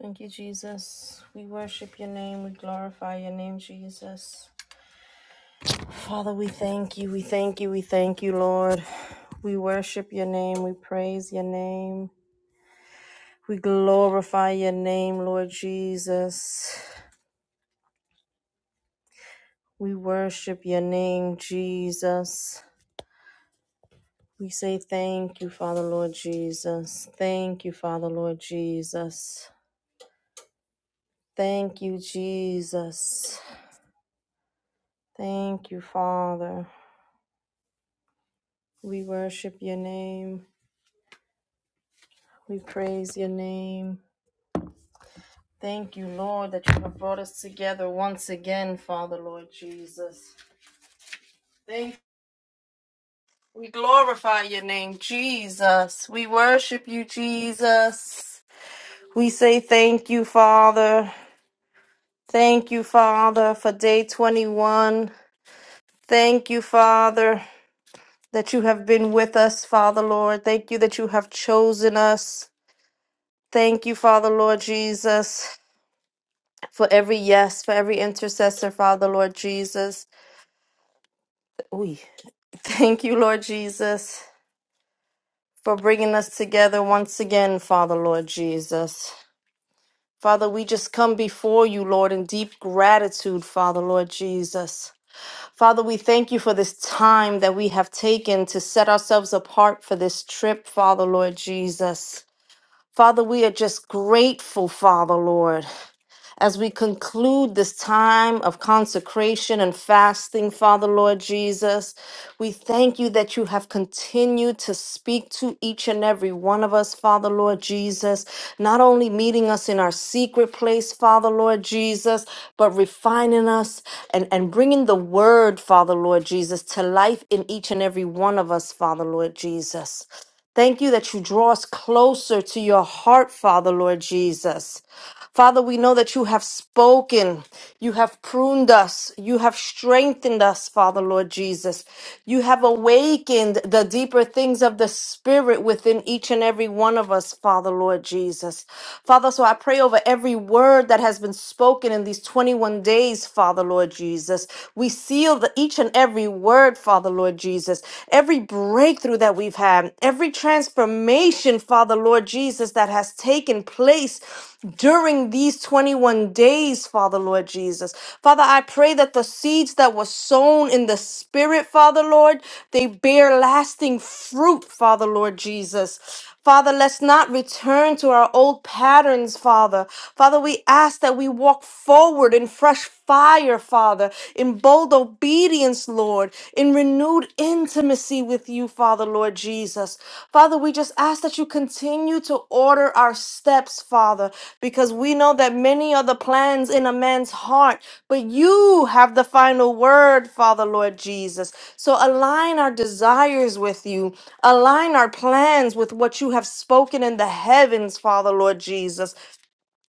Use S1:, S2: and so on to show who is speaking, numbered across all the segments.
S1: Thank you, Jesus. We worship your name. We glorify your name, Jesus. Father, we thank you. We thank you. We thank you, Lord. We worship your name. We praise your name. We glorify your name, Lord Jesus. We worship your name, Jesus. We say thank you, Father, Lord Jesus. Thank you, Father, Lord Jesus. Thank you, Jesus. Thank you, Father. We worship your name. We praise your name. Thank you, Lord, that you have brought us together once again, Father, Lord Jesus. Thank we glorify your name, Jesus. We worship you, Jesus. We say thank you, Father. Thank you, Father, for day 21. Thank you, Father, that you have been with us, Father, Lord. Thank you that you have chosen us. Thank you, Father, Lord Jesus, for every yes, for every intercessor, Father, Lord Jesus. Ooh. Thank you, Lord Jesus, for bringing us together once again, Father, Lord Jesus. Father, we just come before you, Lord, in deep gratitude, Father, Lord Jesus. Father, we thank you for this time that we have taken to set ourselves apart for this trip, Father, Lord Jesus. Father, we are just grateful, Father, Lord. as we conclude this time of consecration and fasting, Father Lord Jesus. We thank you that you have continued to speak to each and every one of us, Father Lord Jesus, not only meeting us in our secret place, Father Lord Jesus, but refining us and, and bringing the word, Father Lord Jesus, to life in each and every one of us, Father Lord Jesus. Thank you that you draw us closer to your heart, Father Lord Jesus. Father, we know that you have spoken. You have pruned us. You have strengthened us, Father, Lord Jesus. You have awakened the deeper things of the Spirit within each and every one of us, Father, Lord Jesus. Father, so I pray over every word that has been spoken in these 21 days, Father, Lord Jesus. We seal the, each and every word, Father, Lord Jesus. Every breakthrough that we've had, every transformation, Father Lord Jesus, that has taken place during these 21 days, Father Lord Jesus. Father, I pray that the seeds that were sown in the Spirit, Father Lord, they bear lasting fruit, Father Lord Jesus. Father, let's not return to our old patterns, Father. Father, we ask that we walk forward in fresh fire, Father, in in bold obedience, Lord, in renewed intimacy with you, Father, Lord Jesus. Father, we just ask that you continue to order our steps, Father, because we know that many are the plans in a man's heart, but you have the final word, Father, Lord Jesus. So align our desires with you, align our plans with what you have spoken in the heavens, Father, Lord Jesus.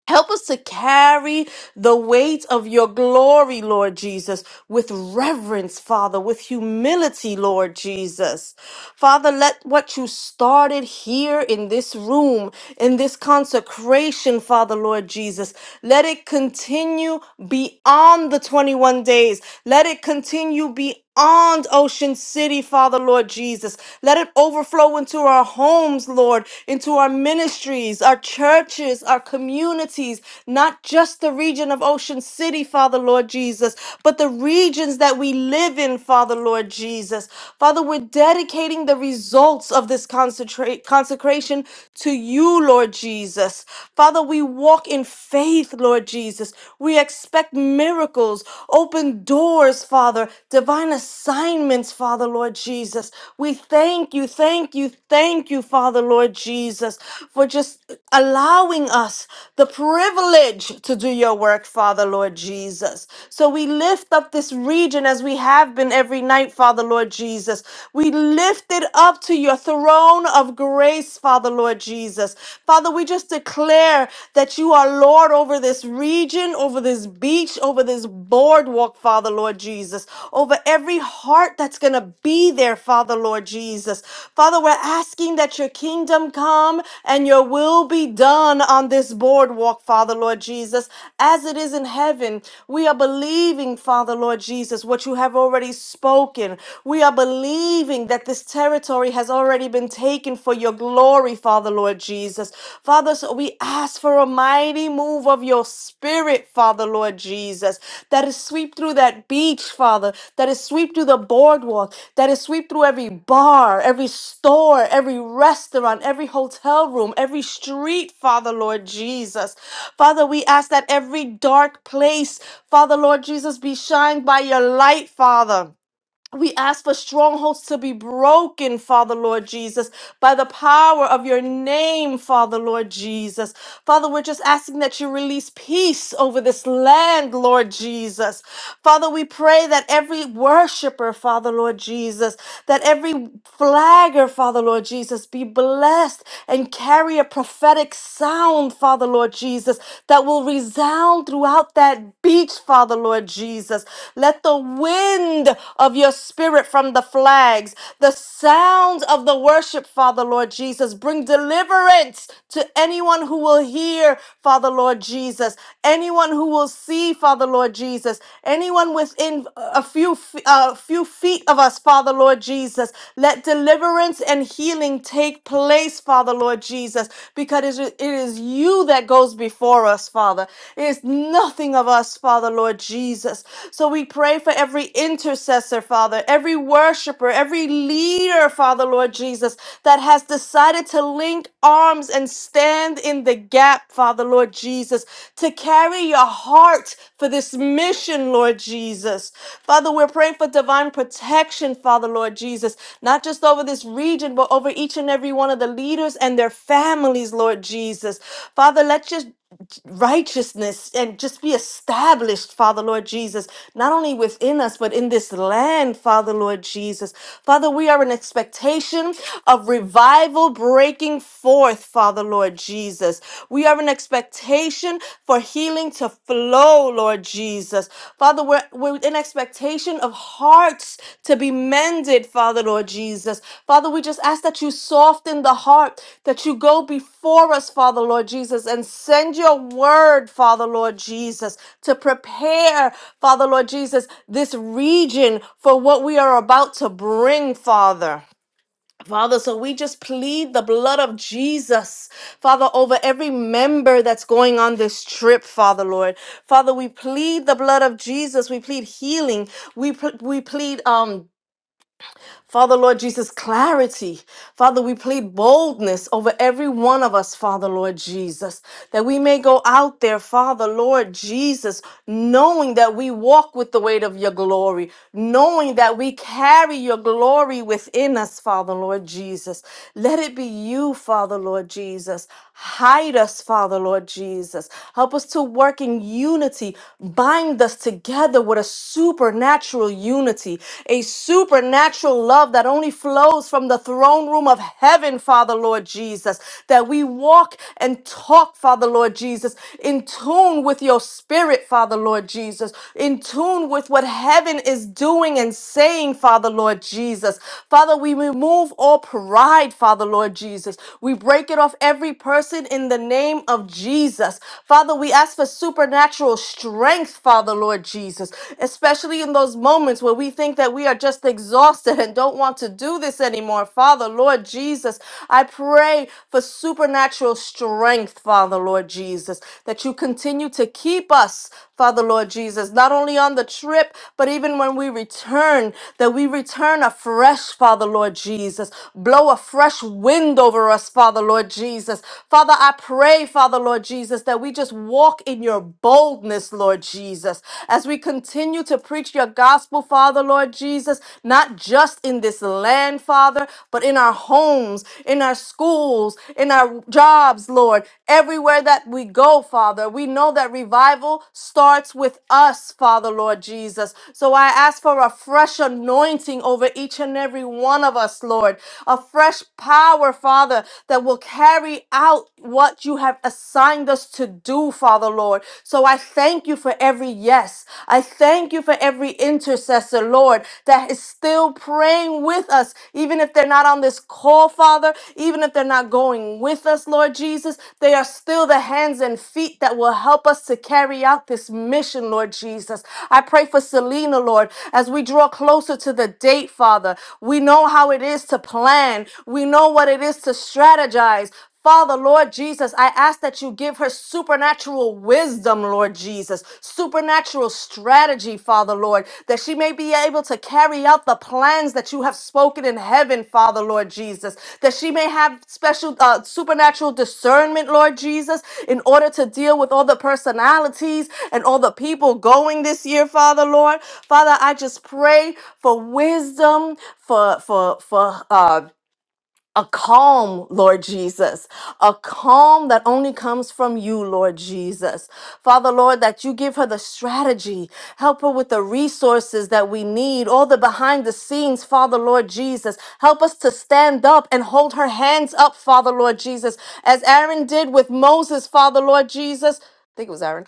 S1: Help us to carry the weight of your glory, Lord Jesus, with reverence, Father, with humility, Lord Jesus. Father, let what you started here in this room, in this consecration, Father, Lord Jesus, let it continue beyond the 21 days. Let it continue beyond on Ocean City, Father Lord Jesus. Let it overflow into our homes, Lord, into our ministries, our churches, our communities, not just the region of Ocean City, Father Lord Jesus, but the regions that we live in, Father Lord Jesus. Father, we're dedicating the results of this concentrate, consecration to you, Lord Jesus. Father, we walk in faith, Lord Jesus. We expect miracles, open doors, Father, divine assignments, Father, Lord Jesus. We thank you, thank you, thank you, Father, Lord Jesus, for just allowing us the privilege to do your work, Father, Lord Jesus. So we lift up this region as we have been every night, Father, Lord Jesus. We lift it up to your throne of grace, Father, Lord Jesus. Father, we just declare that you are Lord over this region, over this beach, over this boardwalk, Father, Lord Jesus, over every heart that's going to be there, Father, Lord Jesus. Father, we're asking that your kingdom come and your will be done on this boardwalk, Father, Lord Jesus, as it is in heaven. We are believing, Father, Lord Jesus, what you have already spoken. We are believing that this territory has already already been taken for your glory, Father, Lord Jesus. Father, so we ask for a mighty move of your spirit, Father, Lord Jesus, that is sweep through that beach, Father, that is sweep through the boardwalk, that is sweep through every bar, every store, every restaurant, every hotel room, every street, Father, Lord Jesus. Father, we ask that every dark place, Father, Lord Jesus, be shined by your light, Father. We ask for strongholds to be broken, Father Lord Jesus, by the power of your name, Father Lord Jesus. Father, we're just asking that you release peace over this land, Lord Jesus. Father, we pray that every worshiper, Father Lord Jesus, that every flagger, Father Lord Jesus, be blessed and carry a prophetic sound, Father Lord Jesus, that will resound throughout that beach, Father Lord Jesus. Let the wind of your spirit from the flags, the sounds of the worship, Father Lord Jesus, bring deliverance to anyone who will hear, Father Lord Jesus, anyone who will see, Father Lord Jesus, anyone within a few f- a few feet of us, Father Lord Jesus. Let deliverance and healing take place, Father Lord Jesus, because it is it is you that goes before us, Father. It is nothing of of us, Father, Lord Jesus. So we pray for every intercessor, Father, every worshiper, every leader, Father, Lord Jesus, that has decided to link arms and stand in the gap, Father, Lord Jesus, to carry your heart for this mission, Lord Jesus. Father, we're praying for divine protection, Father, Lord Jesus, not just over this region, but over each and every one of the leaders and their families, Lord Jesus. Father, let just righteousness and just be established, Father Lord Jesus, not only within us, but in this land, Father Lord Jesus. Father, we are in expectation of revival breaking forth, Father Lord Jesus. We are in expectation for healing to flow, Lord Jesus. Father, we're, we're with an expectation of hearts to be mended, Father Lord Jesus. Father, we just ask that you soften the heart, that you go before us, Father Lord Jesus, and send your word, Father Lord Jesus, to prepare, Father Lord Jesus, this region for what we are about to bring, Father. Father, so we just plead the blood of Jesus, Father, over every member that's going on this trip, Father, Lord. Father, we plead the blood of Jesus. We plead healing. We, pl- we plead um, Father, Lord Jesus, clarity. Father, we plead boldness over every one of us, Father, Lord Jesus, that we may go out there, Father, Lord Jesus, knowing that we walk with the weight of your glory, knowing that we carry your glory within us, Father, Lord Jesus. Let it be you, Father, Lord Jesus. Hide us, Father, Lord Jesus. Help us to work in unity. Bind us together with a supernatural unity unity, a supernatural love that only flows from the throne room of heaven, Father Lord Jesus, that we walk and talk, Father Lord Jesus, in tune with your spirit, Father Lord Jesus, in tune with what heaven is doing and saying, Father Lord Jesus. Father, we remove all pride, Father Lord Jesus. We break it off every person in the name of Jesus. Father, we ask for supernatural strength, Father Lord. Jesus, especially in those moments where we think that we are just exhausted and don't want to do this anymore. Father, Lord Jesus, I pray for supernatural strength, Father, Lord Jesus, that you continue to keep us, Father, Lord Jesus, not only on the trip, but even when we return, that we return afresh, Father, Lord Jesus. Blow a fresh wind over us, Father, Lord Jesus. Father, I pray, Father, Lord Jesus, that we just walk in your your boldness, Lord Jesus, as we continue to preach your gospel, Father, Lord Jesus, not just in this land, Father, but in our homes, in our schools, in our jobs, Lord, everywhere that we go, Father. We know that revival starts with us, Father, Lord Jesus. So I ask for a fresh anointing over each and every one of us, Lord, a fresh power, Father, that will carry out what you have assigned us to do, Father Lord. So I thank you for every yes. I thank you for every intercessor, Lord, that is still praying with us, even if they're not on this call, Father, even if they're not going with us, Lord Jesus. They are still the hands and feet that will help us to carry out this mission, Lord Jesus. I pray for Selena, Lord, as we draw closer to the date, Father. We know how it is to plan, we know what it is to strategize, Father, Lord Jesus, I ask that you give her supernatural wisdom, Lord Jesus, supernatural strategy, Father, Lord, that she may be able to carry out the plans that you have spoken in heaven, Father, Lord Jesus, that she may have special uh, supernatural discernment, Lord Jesus, in order to deal with all the personalities and all the people going this year, Father, Lord. Father, I just pray for wisdom, for for for uh, a calm, Lord Jesus, a calm that only comes from you, Lord Jesus. Father, Lord, that you give her the strategy, help her with the resources that we need, all the behind the scenes, Father, Lord Jesus. Help us to stand up and hold her hands up, Father, Lord Jesus, as Aaron did with Moses, Father, Lord Jesus. I think it was Aaron.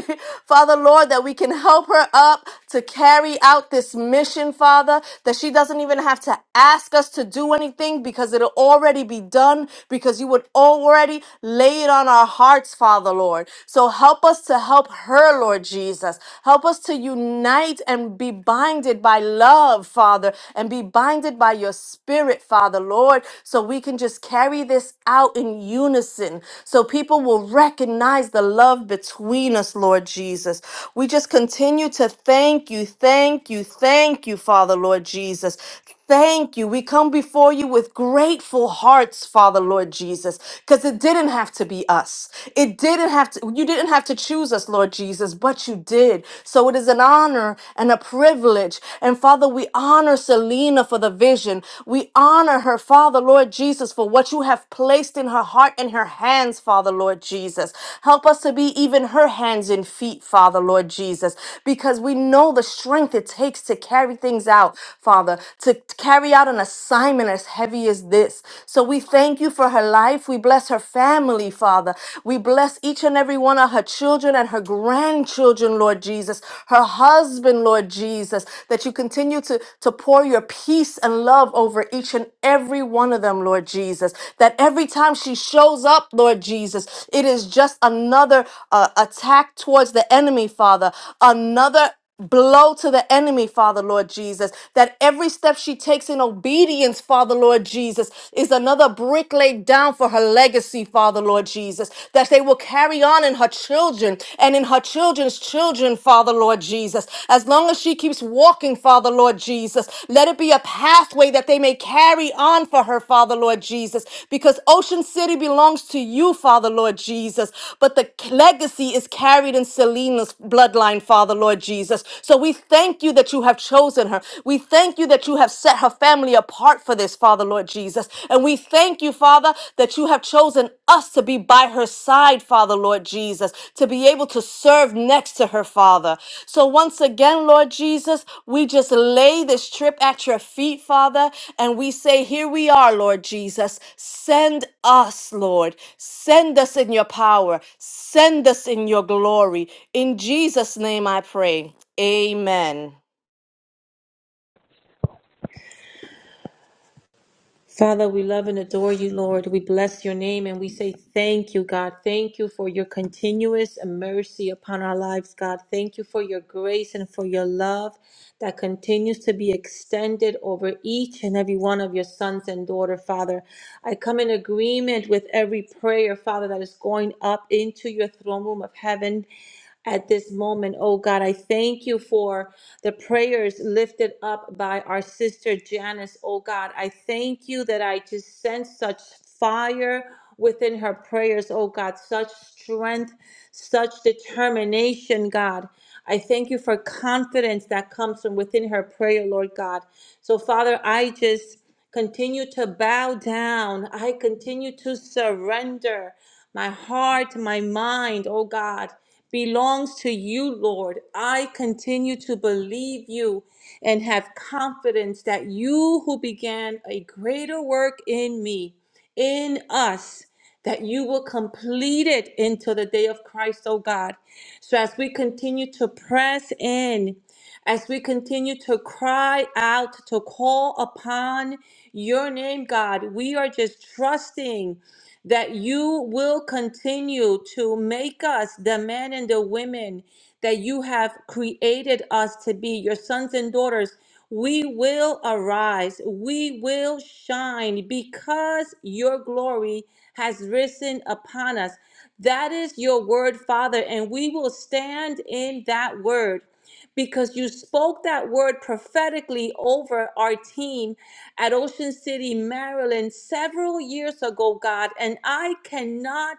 S1: Father, Lord, that we can help her up to carry out this mission, Father, that she doesn't even have to ask us to do anything because it'll already be done, because you would already lay it on our hearts, Father, Lord. So help us to help her, Lord Jesus. Help us to unite and be binded by love, Father, and be binded by your spirit, Father, Lord, so we can just can just carry this out in unison so people will recognize the love between us, Lord Jesus. We just continue to thank you, thank you, thank you, Father, Lord Jesus. Thank you. We come before you with grateful hearts, Father, Lord Jesus, because it didn't have to be us. It didn't have to, you didn't have to choose us, Lord Jesus, but you did. So it is an honor and a privilege. And Father, we honor Selena for the vision. We honor her, Father, Lord Jesus, for what you have placed in her heart and her hands, Father, Lord Jesus. Help us to be even her hands and feet, Father, Lord Jesus, because we know the strength it takes to carry things out, Father, to carry out an assignment as heavy as this. So we thank you for her life. We bless her family, Father. We bless each and every one of her children children and her grandchildren, Lord Jesus, her husband, Lord Jesus, that you continue to, to pour your peace and love over each and every one of them, Lord Jesus. That every time she shows up, Lord Jesus, it is just another uh, attack towards the enemy, Father, another blow to the enemy, Father Lord Jesus. That every step she takes in obedience, Father Lord Jesus, is another brick laid down for her legacy, Father Lord Jesus. That they will carry on in her children and in her children's children, Father Lord Jesus. As long as she keeps walking, Father Lord Jesus, let it be a pathway that they may carry on for her, Father Lord Jesus. Because Ocean City belongs to you, Father Lord Jesus. But the legacy is carried in Selena's bloodline bloodline, Father, Lord Jesus. So we thank you that you have chosen her. We thank you that you have set her family apart for this, Father, Lord Jesus. And we thank you, Father, that you have chosen us to be by her side, Father, Lord Jesus, to be able to serve next to her, Father. So once again, Lord Jesus, we just lay this trip at your feet, Father, and we say, Here we are, Lord Jesus. Send us, Lord. Send us in your power. Send us in your glory. In Jesus' name I pray. Amen.
S2: Father, we love and adore you, Lord. We bless your name and we say thank you, God. Thank you for your continuous mercy upon our lives, God. Thank you for your grace and for your love that continues to be extended over each and every one of your sons and daughter, Father. I come in agreement with every prayer, Father, that is going up into your throne room of heaven at this moment. Oh God, I thank you for the prayers lifted up by our sister Janice. Oh God, I thank you that I just sense such fire within her prayers. Oh God, such strength, such determination, God. I thank you for confidence that comes from within her prayer, Lord God. So, Father, I just continue to bow down. I continue to surrender. My heart, my mind, oh God, belongs to you, Lord. I continue to believe you and have confidence that you who began a greater work in me, in us, that you will complete it until the day of Christ, oh God. So as we continue to press in, as we continue to cry out, to call upon your name, God. We are just trusting that you will continue to make us the men and the women that you have created us to be, your sons and daughters. We will arise, we will shine because your glory has risen upon us. That is your word, Father, and we will stand in that word because you spoke that word prophetically over our team at Ocean City, Maryland, several years ago, God. And I cannot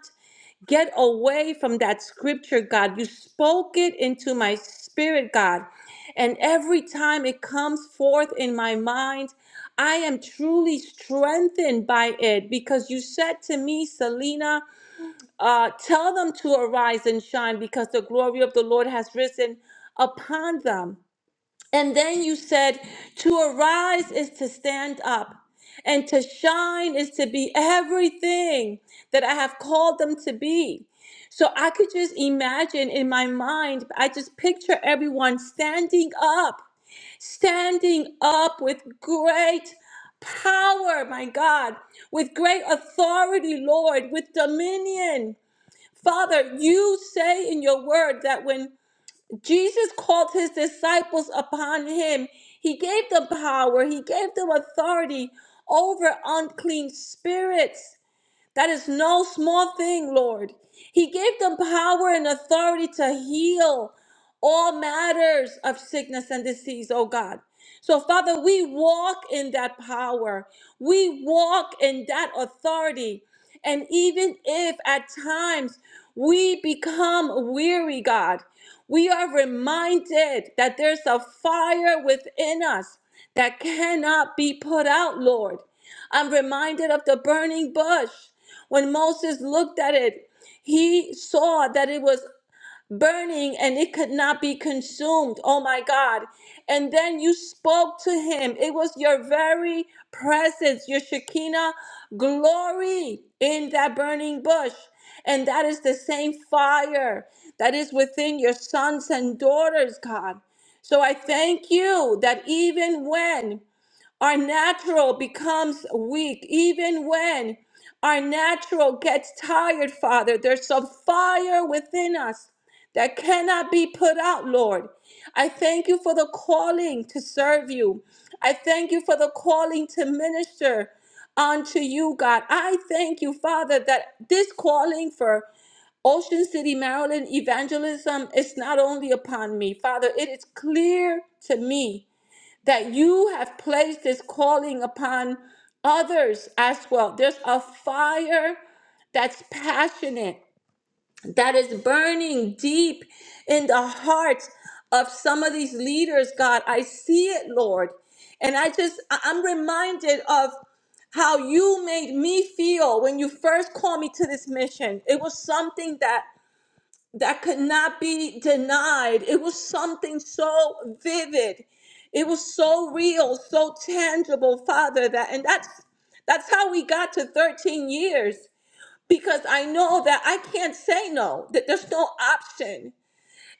S2: get away from that scripture, God. You spoke it into my spirit, God. And every time it comes forth in my mind, I am truly strengthened by it because you said to me, Selena, uh, tell them to arise and shine because the glory of the Lord has risen upon them. And then you said, To arise is to stand up, and to shine is to be everything that I have called them to be. So I could just imagine in my mind, I just picture everyone standing up, standing up with great power, my God, with great authority, Lord, with dominion. Father, you say in your word that when Jesus called his disciples upon him. He gave them power, he gave them authority over unclean spirits. That is no small thing, Lord. He gave them power and authority to heal all matters of sickness and disease, oh God. So, Father, we walk in that power. We walk in that authority. And even if at times we become weary, God, we are reminded that there's a fire within us that cannot be put out, Lord. I'm reminded of the burning bush. When Moses looked at it, he saw that it was burning and it could not be consumed. Oh my God. And then you spoke to him. It was your very presence, your Shekinah glory in that burning bush. And that is the same fire that is within your sons and daughters, God. So I thank you that even when our natural becomes weak, even when our natural gets tired, Father. There's some fire within us that cannot be put out, Lord. I thank you for the calling to serve you. I thank you for the calling to minister unto you, God. I thank you, Father, that this calling for Ocean City, Maryland evangelism is not only upon me, Father, it is clear to me that you have placed this calling upon others as well. There's a fire that's passionate, that is burning deep in the hearts of some of these leaders, God. I see it, Lord. And I just, I- I'm reminded of how you made me feel when you first called me to this mission. It was something that that could not be denied. It was something so vivid. It was so real, so tangible, Father, that and that's that's how we got to 13 years because I know that I can't say no, that there's no option.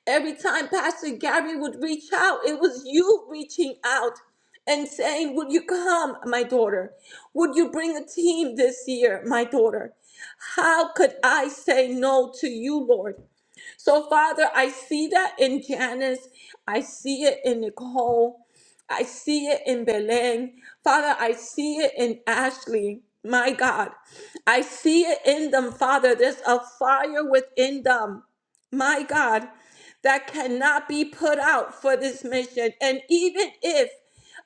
S2: Every time Pastor Gary would reach out, it was you reaching out and saying, Would you come, my daughter? Would you bring a team this year, my daughter? How could I say no to you, Lord? So, Father, I see that in Janice. I see it in Nicole. I see it in Belen. Father, I see it in Ashley. My God, I see it in them, Father. There's a fire within them. My God that cannot be put out for this mission. And even if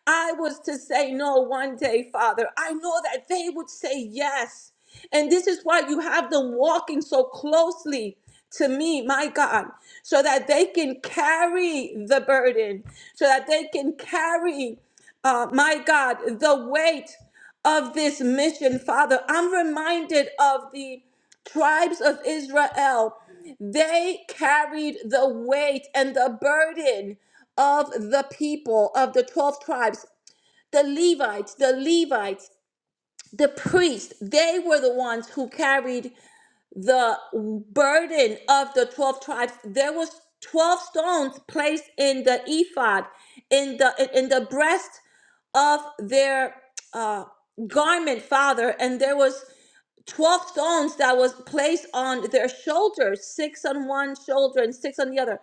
S2: I was to say no one day, Father, I know that they would say yes. And this is why you have them walking so closely to me, my God, so that they can carry the burden, so that they can carry, uh, my God, the weight of this mission, Father. I'm reminded of the tribes of Israel. They carried the weight and the burden of the people of the 12 tribes, the Levites, the Levites, the priests. They were the ones who carried the burden of the 12 tribes there was 12 stones placed in the ephod in the in in the breast of their uh, garment father and there was 12 stones that was placed on their shoulders, six on one shoulder and six on the other.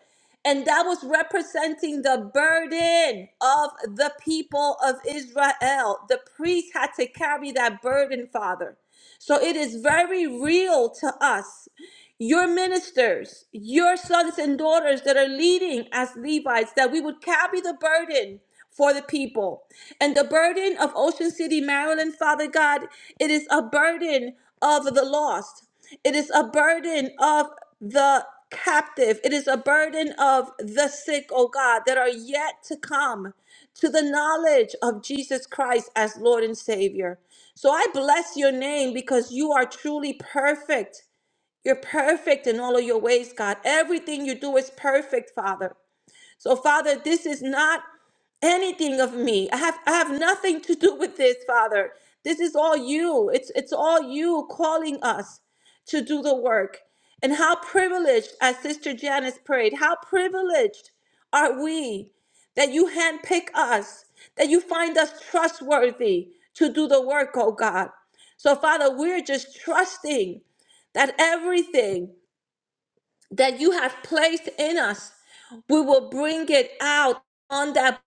S2: And that was representing the burden of the people of Israel. The priest had to carry that burden, Father. So it is very real to us your ministers, your sons and daughters that are leading as Levites, that we would carry the burden for the people. And the burden of Ocean City, Maryland, Father God, it is a burden of the lost, it is a burden of the captive, it is a burden of the sick, oh God, that are yet to come to the knowledge of Jesus Christ as Lord and Savior. So I bless your name because you are truly perfect you're perfect in all of your ways, God. Everything you do is perfect, Father. So, Father, this is not anything of me. I have I have nothing to do with this, Father. This is all you. It's it's all you calling us to do the work. And how privileged, as Sister Janice prayed, how privileged are we that you handpick us, that you find us trustworthy to do the work, oh God. So, Father, we're just trusting that everything that you have placed in us. We will bring it out on that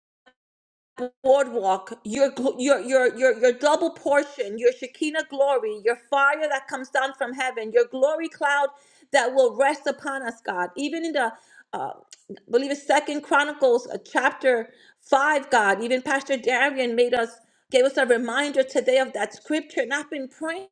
S2: boardwalk. Your gl- your your your your double portion, your Shekinah glory, your fire that comes down from heaven, your glory cloud that will rest upon us, God. Even in the uh, I believe it's Second Chronicles uh, chapter five, God. Even Pastor Darian made us gave us a reminder today of that scripture, and I've been praying.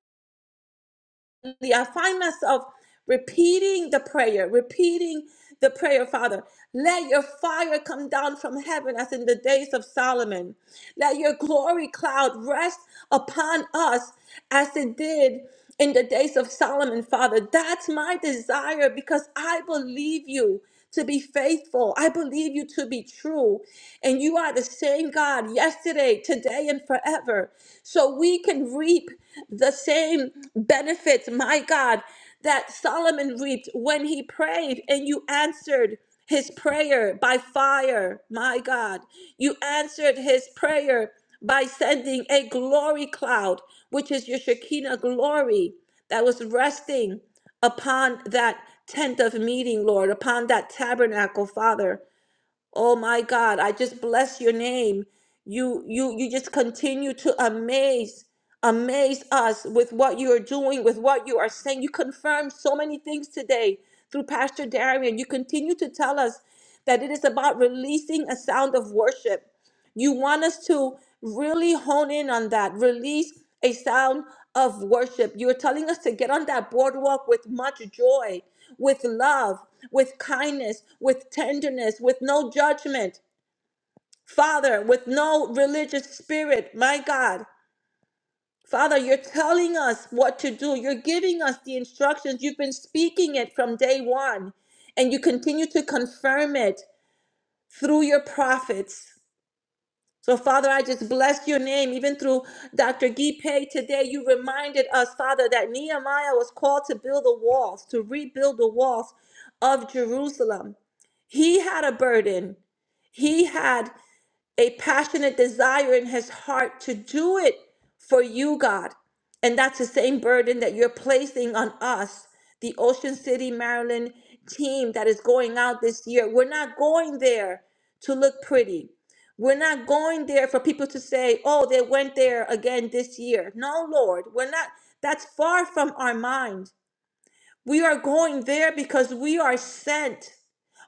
S2: I find myself repeating the prayer, repeating the prayer, Father. Let your fire come down from heaven as in the days of Solomon. Let your glory cloud rest upon us as it did in the days of Solomon, Father. That's my desire because I believe you to be faithful. I believe you to be true. And you are the same God yesterday, today, and forever. So we can reap the same benefits, my God, that Solomon reaped when he prayed and you answered his prayer by fire, my God. You answered his prayer by sending a glory cloud, which is your Shekinah glory that was resting upon that tent of meeting, Lord, upon that tabernacle, Father. Oh my God, I just bless your name. You you you just continue to amaze amaze us with what you are doing, with what you are saying. You confirm so many things today through Pastor Darian. You continue to tell us that it is about releasing a sound of worship. You want us to really hone in on that, release a sound of worship. You're telling us to get on that boardwalk with much joy, with love, with kindness, with tenderness, with no judgment. Father, with no religious spirit, my God. Father, you're telling us what to do. You're giving us the instructions. You've been speaking it from day one, and you continue to confirm it through your prophets. So, Father, I just bless your name. Even through Dr. Gipe today, you reminded us, Father, that Nehemiah was called to build the walls, to rebuild the walls of Jerusalem. He had a burden. He had a passionate desire in his heart to do it for you, God. And that's the same burden that you're placing on us, the Ocean City, Maryland team that is going out this year. We're not going there to look pretty. We're not going there for people to say, oh, they went there again this year. No, Lord, we're not. That's far from our mind. We are going there because we are sent.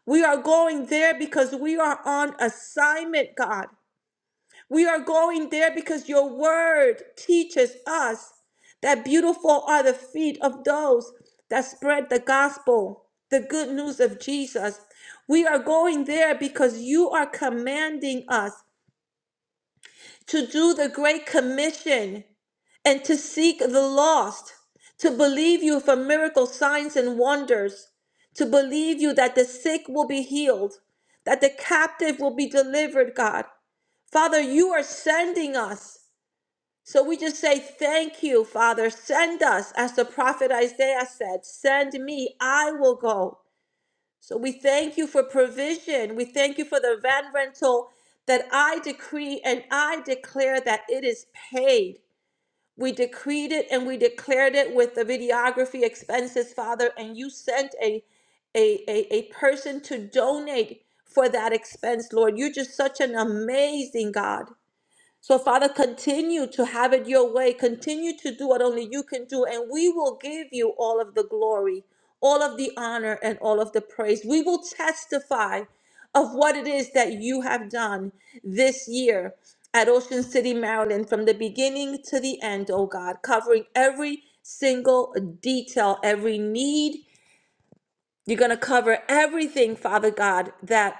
S2: We are going there because we are on assignment, God. We are going there because your word teaches us that beautiful are the feet of those that spread the gospel, the good news of Jesus. We are going there because you are commanding us to do the great commission and to seek the lost, to believe you for miracle signs and wonders, to believe you that the sick will be healed, that the captive will be delivered, God. Father, you are sending us. So we just say, Thank you, Father. Send us, as the prophet Isaiah said, Send me, I will go. So we thank you for provision. We thank you for the van rental that I decree and I declare that it is paid. We decreed it and we declared it with the videography expenses, Father, and you sent a a, a, a person to donate for that expense, Lord. You're just such an amazing God. So, Father, continue to have it your way. Continue to do what only you can do, and we will give you all of the glory, all of the honor, and all of the praise. We will testify of what it is that you have done this year at Ocean City, Maryland, from the beginning to the end, oh God, covering every single detail, every need. You're going to cover everything, Father God, that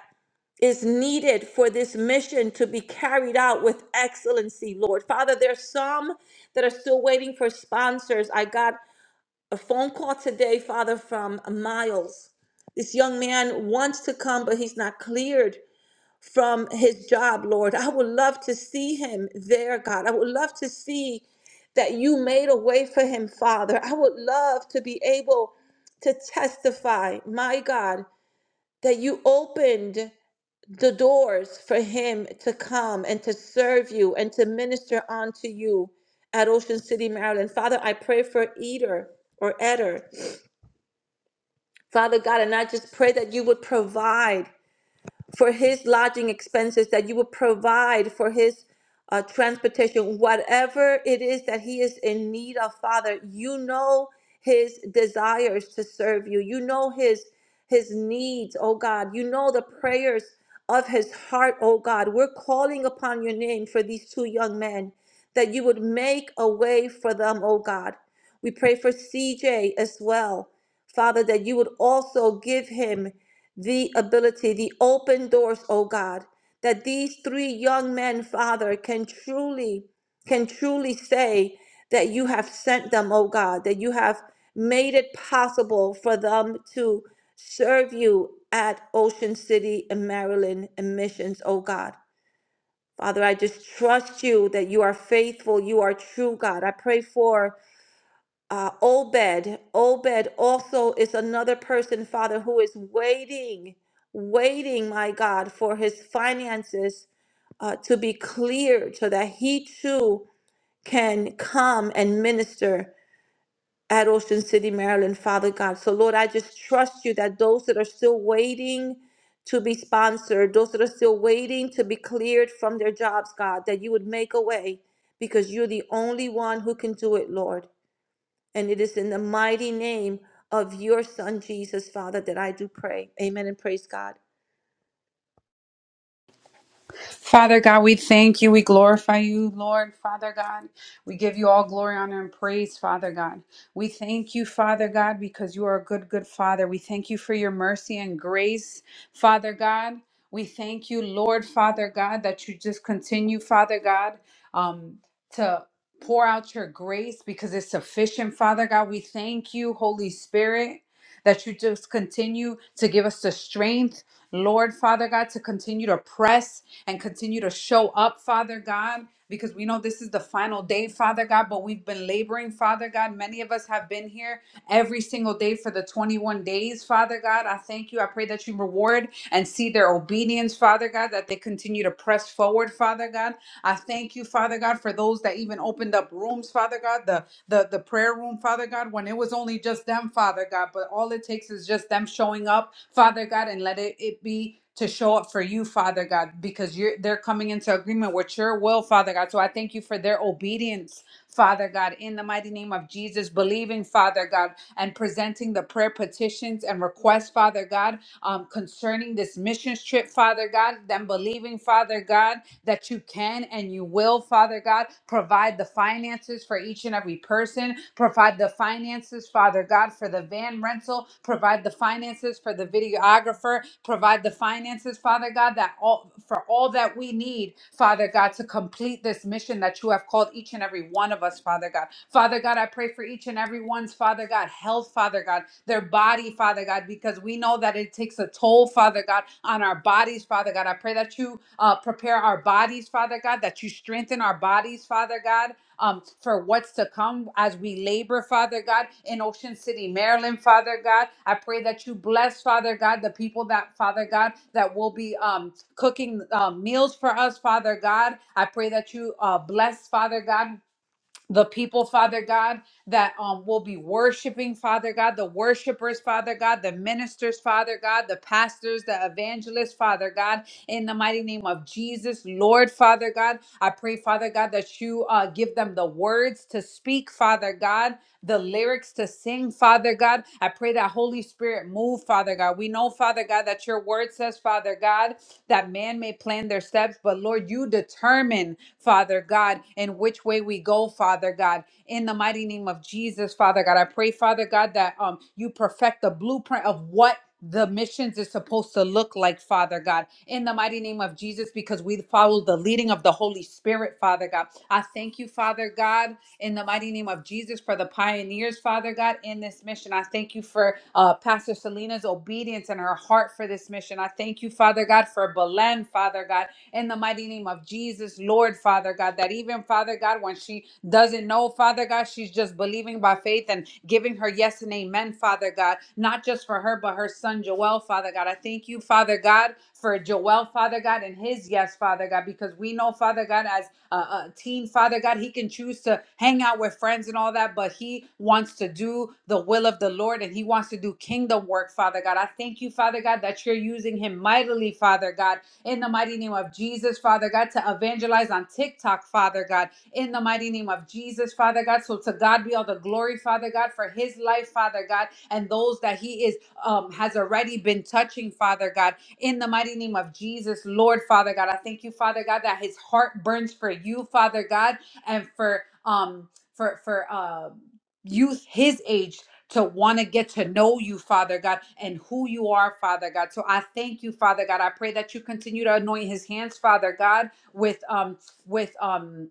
S2: is needed for this mission to be carried out with excellency, Lord. Father, there's some that are still waiting for sponsors. I got a phone call today, Father, from Miles. This young man wants to come, but he's not cleared from his job, Lord. I would love to see him there, God. I would love to see that you made a way for him, Father. I would love to be able to testify, my God, that you opened the doors for him to come and to serve you and to minister unto you at Ocean City, Maryland. Father, I pray for Eder or Eder. Father God, and I just pray that you would provide for his lodging expenses, that you would provide for his uh, transportation, whatever it is that he is in need of, Father. You know his desires to serve you. You know his his needs, oh God. You know the prayers of his heart, oh God. We're calling upon your name for these two young men that you would make a way for them, oh God. We pray for CJ as well, Father, that you would also give him the ability, the open doors, oh God, that these three young men, Father, can truly, can truly say that you have sent them, oh God, that you have made it possible for them to serve you at Ocean City and Maryland and missions, oh God. Father, I just trust you that you are faithful, you are true, God. I pray for uh, Obed. Obed also is another person, Father, who is waiting, waiting, my God, for his finances uh, to be cleared so that he too can come and minister at Ocean City, Maryland, Father God. So, Lord, I just trust you that those that are still waiting, to be sponsored, those that are still waiting to be cleared from their jobs, God, that you would make a way because you're the only one who can do it, Lord. And it is in the mighty name of your Son, Jesus, Father, that I do pray. Amen and praise God.
S3: Father God, we thank you. We glorify you, Lord, Father God. We give you all glory, honor, and praise, Father God. We thank you, Father God, because you are a good, good Father. We thank you for your mercy and grace, Father God. We thank you, Lord, Father God, that you just continue, Father God, um, to pour out your grace because it's sufficient, Father God. We thank you, Holy Spirit, that you just continue to give us the strength, Lord, Father God, to continue to press and continue to show up, Father God, because we know this is the final day, Father God, but we've been laboring, Father God. Many of us have been here every single day for the 21 days, Father God. I thank you. I pray that you reward and see their obedience, Father God, that they continue to press forward, Father God. I thank you, Father God, for those that even opened up rooms, Father God, The the the prayer room, Father God, when it was only just them, Father God, but all it takes is just them showing up, Father God, and let it, it be to show up for you, Father God, because you're they're coming into agreement with your will, Father God. So I thank you for their obedience, Father God, in the mighty name of Jesus, believing, Father God, and presenting the prayer petitions and requests, Father God, um, concerning this missions trip, Father God, them believing, Father God that you can and you will, Father God. Provide the finances for each and every person. Provide the finances, Father God, for the van rental. Provide the finances for the videographer. Provide the finances, Father God, that all for all that we need, Father God, to complete this mission that you have called each and every one of us, Father God. Father God, I pray for each and every one's, Father God, health, Father God their body, Father God, because we know that it takes a toll, Father God, on our bodies, Father God. I pray that you uh, prepare our bodies, Father God, that you strengthen our bodies, Father God. Um, for what's to come as we labor, Father God, in Ocean City, Maryland, Father God. I pray that you bless, Father God, the people that, Father God, that will be um, cooking uh, meals for us, Father God. I pray that you uh, bless, Father God, the people, Father God, that um, will be worshiping, Father God, the worshipers, Father God, the ministers, Father God, the pastors, the evangelists, Father God, in the mighty name of Jesus, Lord, Father God. I pray, Father God, that you uh, give them the words to speak, Father God, the lyrics to sing, Father God. I pray that Holy Spirit move, Father God. We know, Father God, that your word says, Father God, that man may plan their steps, but Lord, you determine. Father God, and which way we go, Father God. In the mighty name of Jesus, Father God, I pray, Father God, that um you perfect the blueprint of what the missions is supposed to look like, Father God, in the mighty name of Jesus, because we follow the leading of the Holy Spirit, Father God. I thank you, Father God, in the mighty name of Jesus, for the pioneers, Father God, in this mission. I thank you for uh, Pastor Selena's obedience and her heart for this mission. I thank you, Father God, for Belen, Father God in the mighty name of Jesus, Lord Father God, that even Father God, when she doesn't know Father God, she's just believing by faith and giving her yes and amen, Father God, not just for her, but her son Joel, Father God. I thank you, Father God, for Joel, Father God, and his yes, Father God, because we know, Father God, as a, a teen, Father God, he can choose to hang out with friends and all that, but he wants to do the will of the Lord and he wants to do kingdom work, Father God. I thank you, Father God, that you're using him mightily, Father God, in the mighty name of Jesus, Father God, to evangelize on TikTok, Father God, in the mighty name of Jesus, Father God. So to God be all the glory, Father God, for his life, Father God, and those that he is um has already been touching, Father God, in the mighty name of Jesus, Lord, Father God. I thank you, Father God, that his heart burns for you, Father God, and for um for for um youth his age to want to get to know you, Father God, and who you are, Father God. So I thank you, Father God. I pray that you continue to anoint his hands, Father God, with um with um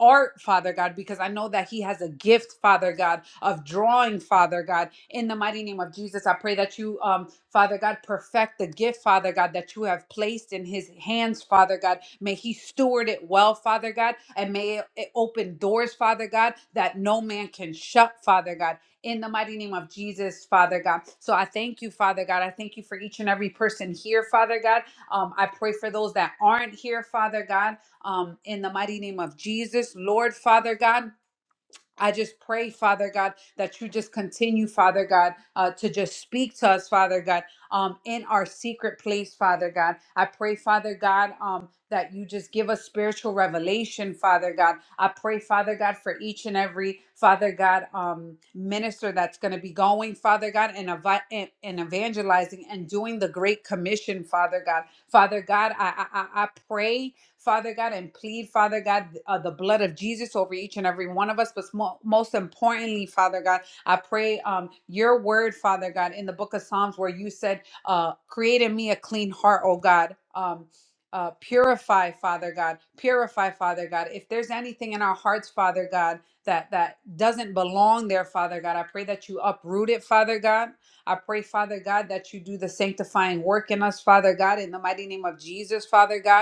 S3: art, Father God, because I know that He has a gift, Father God, of drawing, Father God. In the mighty name of Jesus, I pray that you, um, Father God, perfect the gift, Father God, that you have placed in His hands, Father God. May He steward it well, Father God, and may it it open doors, Father God, that no man can shut, Father God. In the mighty name of Jesus, Father God. So I thank you, Father God. I thank you for each and every person here, Father God. Um, I pray for those that aren't here, Father God um, in the mighty name of Jesus. Lord, Father God, I just pray, Father God, that you just continue, Father God, uh, to just speak to us, Father God, um, in our secret place, Father God. I pray, Father God, um, that you just give us spiritual revelation, Father God. I pray, Father God, for each and every Father God um, minister that's going to be going, Father God, and, evi- and, and evangelizing and doing the great commission, Father God. Father God, I, I, I I pray Father God, and plead, Father God, uh, the blood of Jesus over each and every one of us. But mo- most importantly, Father God, I pray um, your word, Father God, in the book of Psalms where you said, uh, create in me a clean heart, oh God. Um, uh, purify, Father God. Purify, Father God. If there's anything in our hearts, Father God, that that doesn't belong there, Father God, I pray that you uproot it, Father God. I pray, Father God, that you do the sanctifying work in us, Father God, in the mighty name of Jesus, Father God.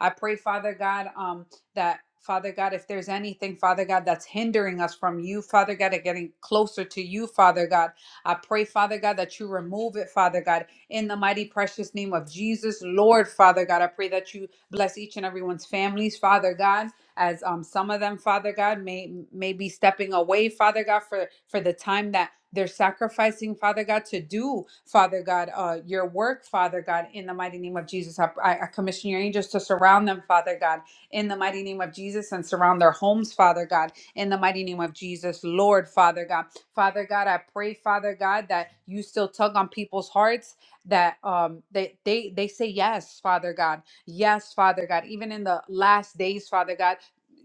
S3: I pray, Father God, um, that Father God, if there's anything, Father God, that's hindering us from you, Father God, and getting closer to you, Father God, I pray, Father God, that you remove it, Father God, in the mighty precious name of Jesus, Lord, Father God. I pray that you bless each and everyone's families, Father God as um, some of them, Father God, may may be stepping away, Father God, for for the time that they're sacrificing, Father God, to do, Father God, uh, your work, Father God, in the mighty name of Jesus. I, I commission your angels to surround them, Father God, in the mighty name of Jesus, and surround their homes, Father God, in the mighty name of Jesus, Lord, Father God. Father God, I pray, Father God, that you still tug on people's hearts that um they they they say yes, Father God. Yes, Father God. Even in the last days, Father God,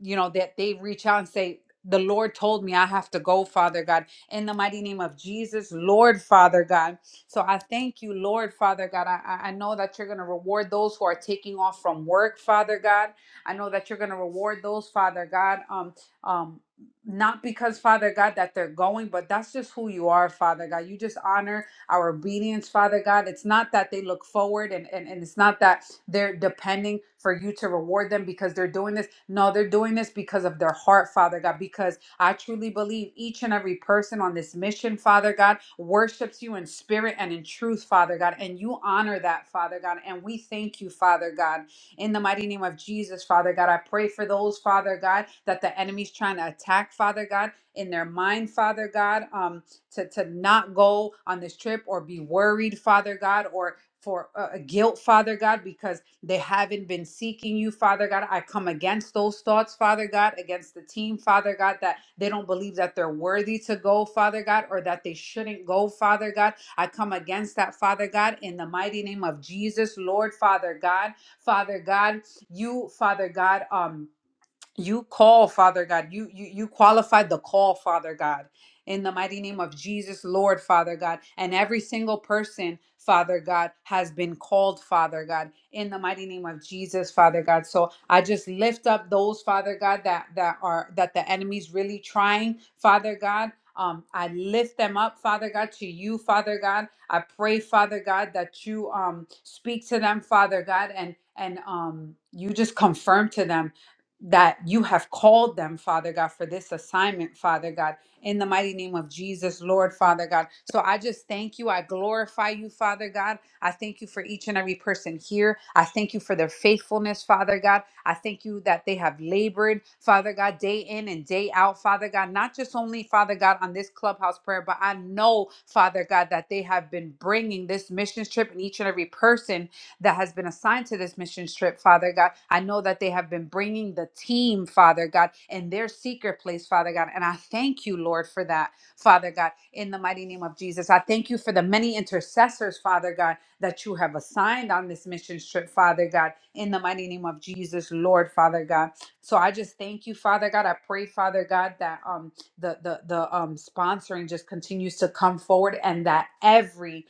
S3: you know, that they reach out and say, the Lord told me I have to go, Father God in the mighty name of Jesus, Lord Father God. So I thank you, Lord Father God. I, I I know that you're going to reward those who are taking off from work, Father God. I know that you're going to reward those, Father God. Um, um, not because Father God that they're going, but that's just who you are, Father God. You just honor our obedience, Father God. It's not that they look forward and, and, and it's not that they're depending for you to reward them because they're doing this. No, they're doing this because of their heart, Father God, because I truly believe each and every person on this mission, Father God, worships you in spirit and in truth, Father God, and you honor that, Father God. And we thank you, Father God, in the mighty name of Jesus, Father God. I pray for those, Father God, that the enemy's trying to attack, Father God, in their mind, Father God, um, to, to not go on this trip or be worried, Father God, or for uh, guilt, Father God, because they haven't been seeking you, Father God. I come against those thoughts, Father God, against the team, Father God, that they don't believe that they're worthy to go, Father God, or that they shouldn't go, Father God. I come against that, Father God, in the mighty name of Jesus, Lord, Father God. Father God, you, Father God, um, you call father god you you you qualified the call father god in the mighty name of jesus lord father god and every single person father god has been called father god in the mighty name of jesus father god so i just lift up those father god that that are that the enemy's really trying father god um, I lift them up, Father God, to you, Father God. I pray, Father God, that you um, speak to them, Father God, and and um, you just confirm to them that you have called them, Father God, for this assignment, Father God, in the mighty name of Jesus, Lord, Father God. So I just thank you. I glorify you, Father God. I thank you for each and every person here. I thank you for their faithfulness, Father God. I thank you that they have labored, Father God, day in and day out, Father God, not just only, Father God, on this clubhouse prayer, but I know, Father God, that they have been bringing this mission trip and each and every person that has been assigned to this mission trip, Father God. I know that they have been bringing the team, Father God, in their secret place, Father God. And I thank you, Lord, for that, Father God, in the mighty name of Jesus. I thank you for the many intercessors, Father God, that you have assigned on this mission trip, Father God, in the mighty name of Jesus, Lord, Father God. So I just thank you, Father God. I pray, Father God, that um the the the um sponsoring just continues to come forward and that every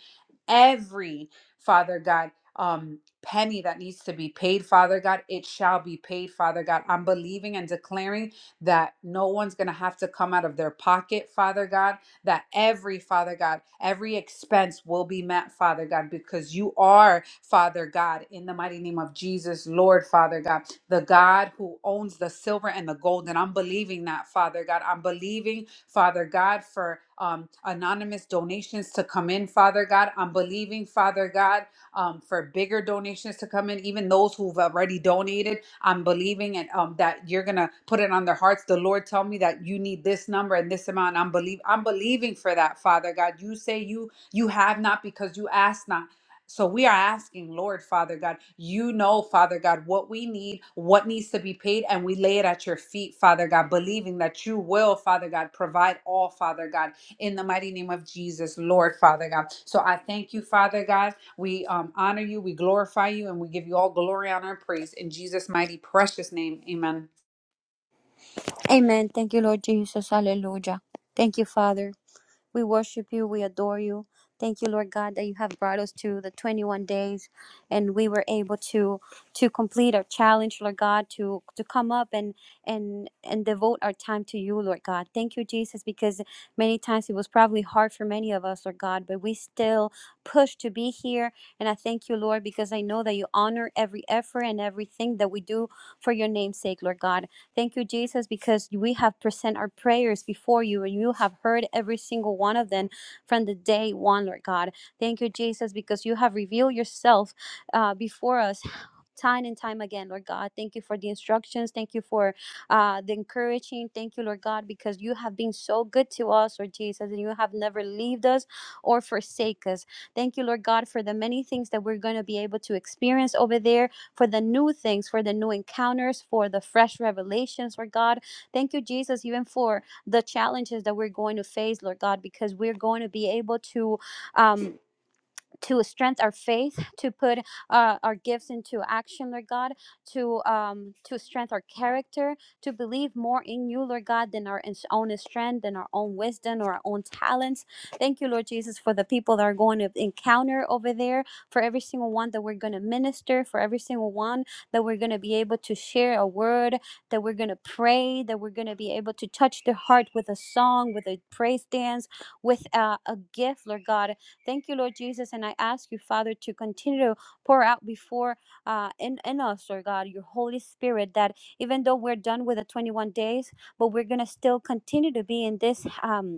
S3: every Father God um penny that needs to be paid father god it shall be paid father god i'm believing and declaring that no one's going to have to come out of their pocket father god that every father god every expense will be met father god because you are father god in the mighty name of jesus lord father god the god who owns the silver and the gold and i'm believing that father god i'm believing father god for um, anonymous donations to come in father god i'm believing father god um, for bigger donations to come in, even those who've already donated. I'm believing and um, that you're gonna put it on their hearts. The Lord tell me that you need this number and this amount. I'm believe I'm believing for that, Father God. You say you you have not because you ask not. So we are asking, Lord, Father God, you know, Father God, what we need, what needs to be paid, and we lay it at your feet, Father God, believing that you will, Father God, provide all, Father God, in the mighty name of Jesus, Lord, Father God. So I thank you, Father God. We um, honor you, we glorify you, and we give you all glory, honor, and praise in Jesus' mighty, precious name. Amen.
S4: Amen. Thank you, Lord Jesus. Hallelujah. Thank you, Father. We worship you. We adore you. Thank you, Lord God, that you have brought us to the 21 days and we were able to to complete our challenge, Lord God, to to come up and and and devote our time to you, Lord God. Thank you, Jesus, because many times it was probably hard for many of us, Lord God, but we still pushed to be here. And I thank you, Lord, because I know that you honor every effort and everything that we do for your name's sake, Lord God. Thank you, Jesus, because we have present our prayers before you and you have heard every single one of them from the day one, Lord God. Thank you, Jesus, because you have revealed yourself uh, before us. Time and time again, Lord God. Thank you for the instructions. Thank you for uh, the encouraging. Thank you, Lord God, because you have been so good to us, Lord Jesus, and you have never left us or forsake us. Thank you, Lord God, for the many things that we're going to be able to experience over there for the new things, for the new encounters, for the fresh revelations, Lord God. Thank you, Jesus, even for the challenges that we're going to face, Lord God, because we're going to be able to. Um, to strengthen our faith, to put uh, our gifts into action, Lord God, to um, to strengthen our character, to believe more in you, Lord God, than our own strength, than our own wisdom or our own talents. Thank you, Lord Jesus, for the people that are going to encounter over there, for every single one that we're going to minister, for every single one that we're going to be able to share a word, that we're going to pray, that we're going to be able to touch their heart with a song, with a praise dance, with uh, a gift, Lord God Thank you, Lord Jesus. And I ask you, Father, to continue to pour out before uh, in, in us, Lord God, your Holy Spirit, that even though we're done with the 21 days, but we're going to still continue to be in this. Um,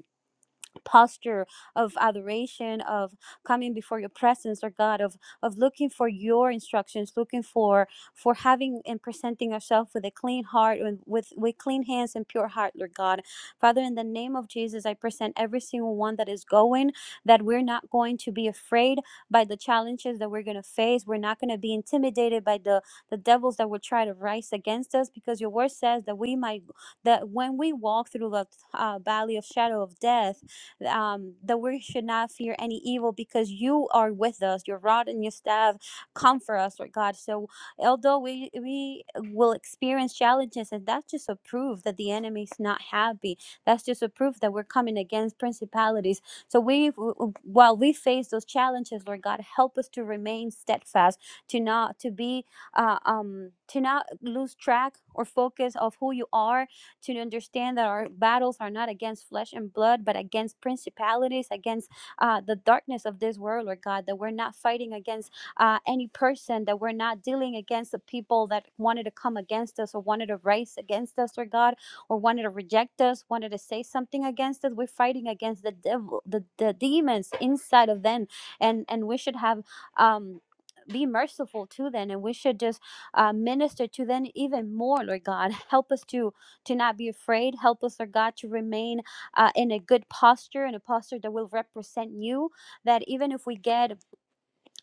S4: posture of adoration of coming before your presence or god of of looking for your instructions looking for for having and presenting ourselves with a clean heart and with with clean hands and pure heart lord god father in the name of jesus i present every single one that is going that we're not going to be afraid by the challenges that we're going to face we're not going to be intimidated by the the devils that will try to rise against us because your word says that we might that when we walk through the uh, valley of shadow of death um, that we should not fear any evil because you are with us. Your rod and your staff comfort us, Lord God. So although we we will experience challenges, and that's just a proof that the enemy's not happy. That's just a proof that we're coming against principalities. So we, while we face those challenges, Lord God, help us to remain steadfast, to not to be, uh, um, to not lose track or focus of who you are to understand that our battles are not against flesh and blood, but against principalities, against uh, the darkness of this world, Lord God, that we're not fighting against uh, any person, that we're not dealing against the people that wanted to come against us or wanted to rise against us, Lord God, or wanted to reject us, wanted to say something against us. We're fighting against the devil, the, the demons inside of them. And, and we should have. Um, be merciful to them and we should just uh, minister to them even more lord god help us to to not be afraid. Help us, Lord God, to remain uh, in a good posture, in a posture that will represent you. That even if we get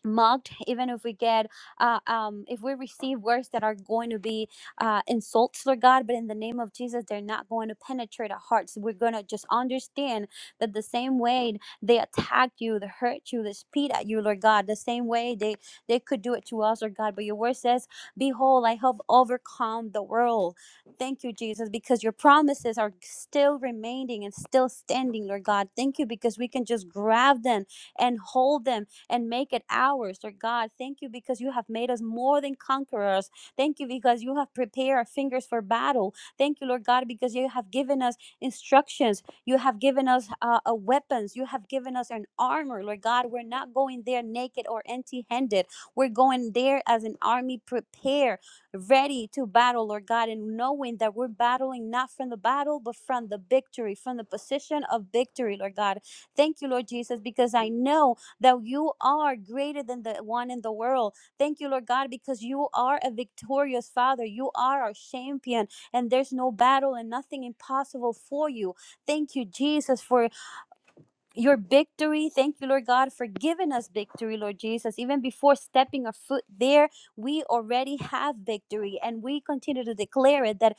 S4: mocked even if we get uh, um, if we receive words that are going to be uh, insults Lord god but in the name of jesus they're not going to penetrate our hearts we're going to just understand that the same way they attacked you they hurt you they spit at you lord god the same way they they could do it to us lord god but your word says behold i have overcome the world thank you jesus because your promises are still remaining and still standing lord god thank you because we can just grab them and hold them and make it ours. Lord God, thank you because you have made us more than conquerors. Thank you because you have prepared our fingers for battle. Thank you, Lord God, because you have given us instructions. You have given us uh, uh, weapons. You have given us an armor, Lord God. We're not going there naked or empty handed. We're going there as an army prepared, ready to battle, Lord God, and knowing that we're battling not from the battle, but from the victory, from the position of victory, Lord God. Thank you, Lord Jesus, because I know that you are greater than the one in the world. Thank you, Lord God, because you are a victorious Father. You are our champion, and there's no battle and nothing impossible for you. Thank you, Jesus, for your victory. Thank you, Lord God, for giving us victory, Lord Jesus. Even before stepping a foot there, we already have victory, and we continue to declare it that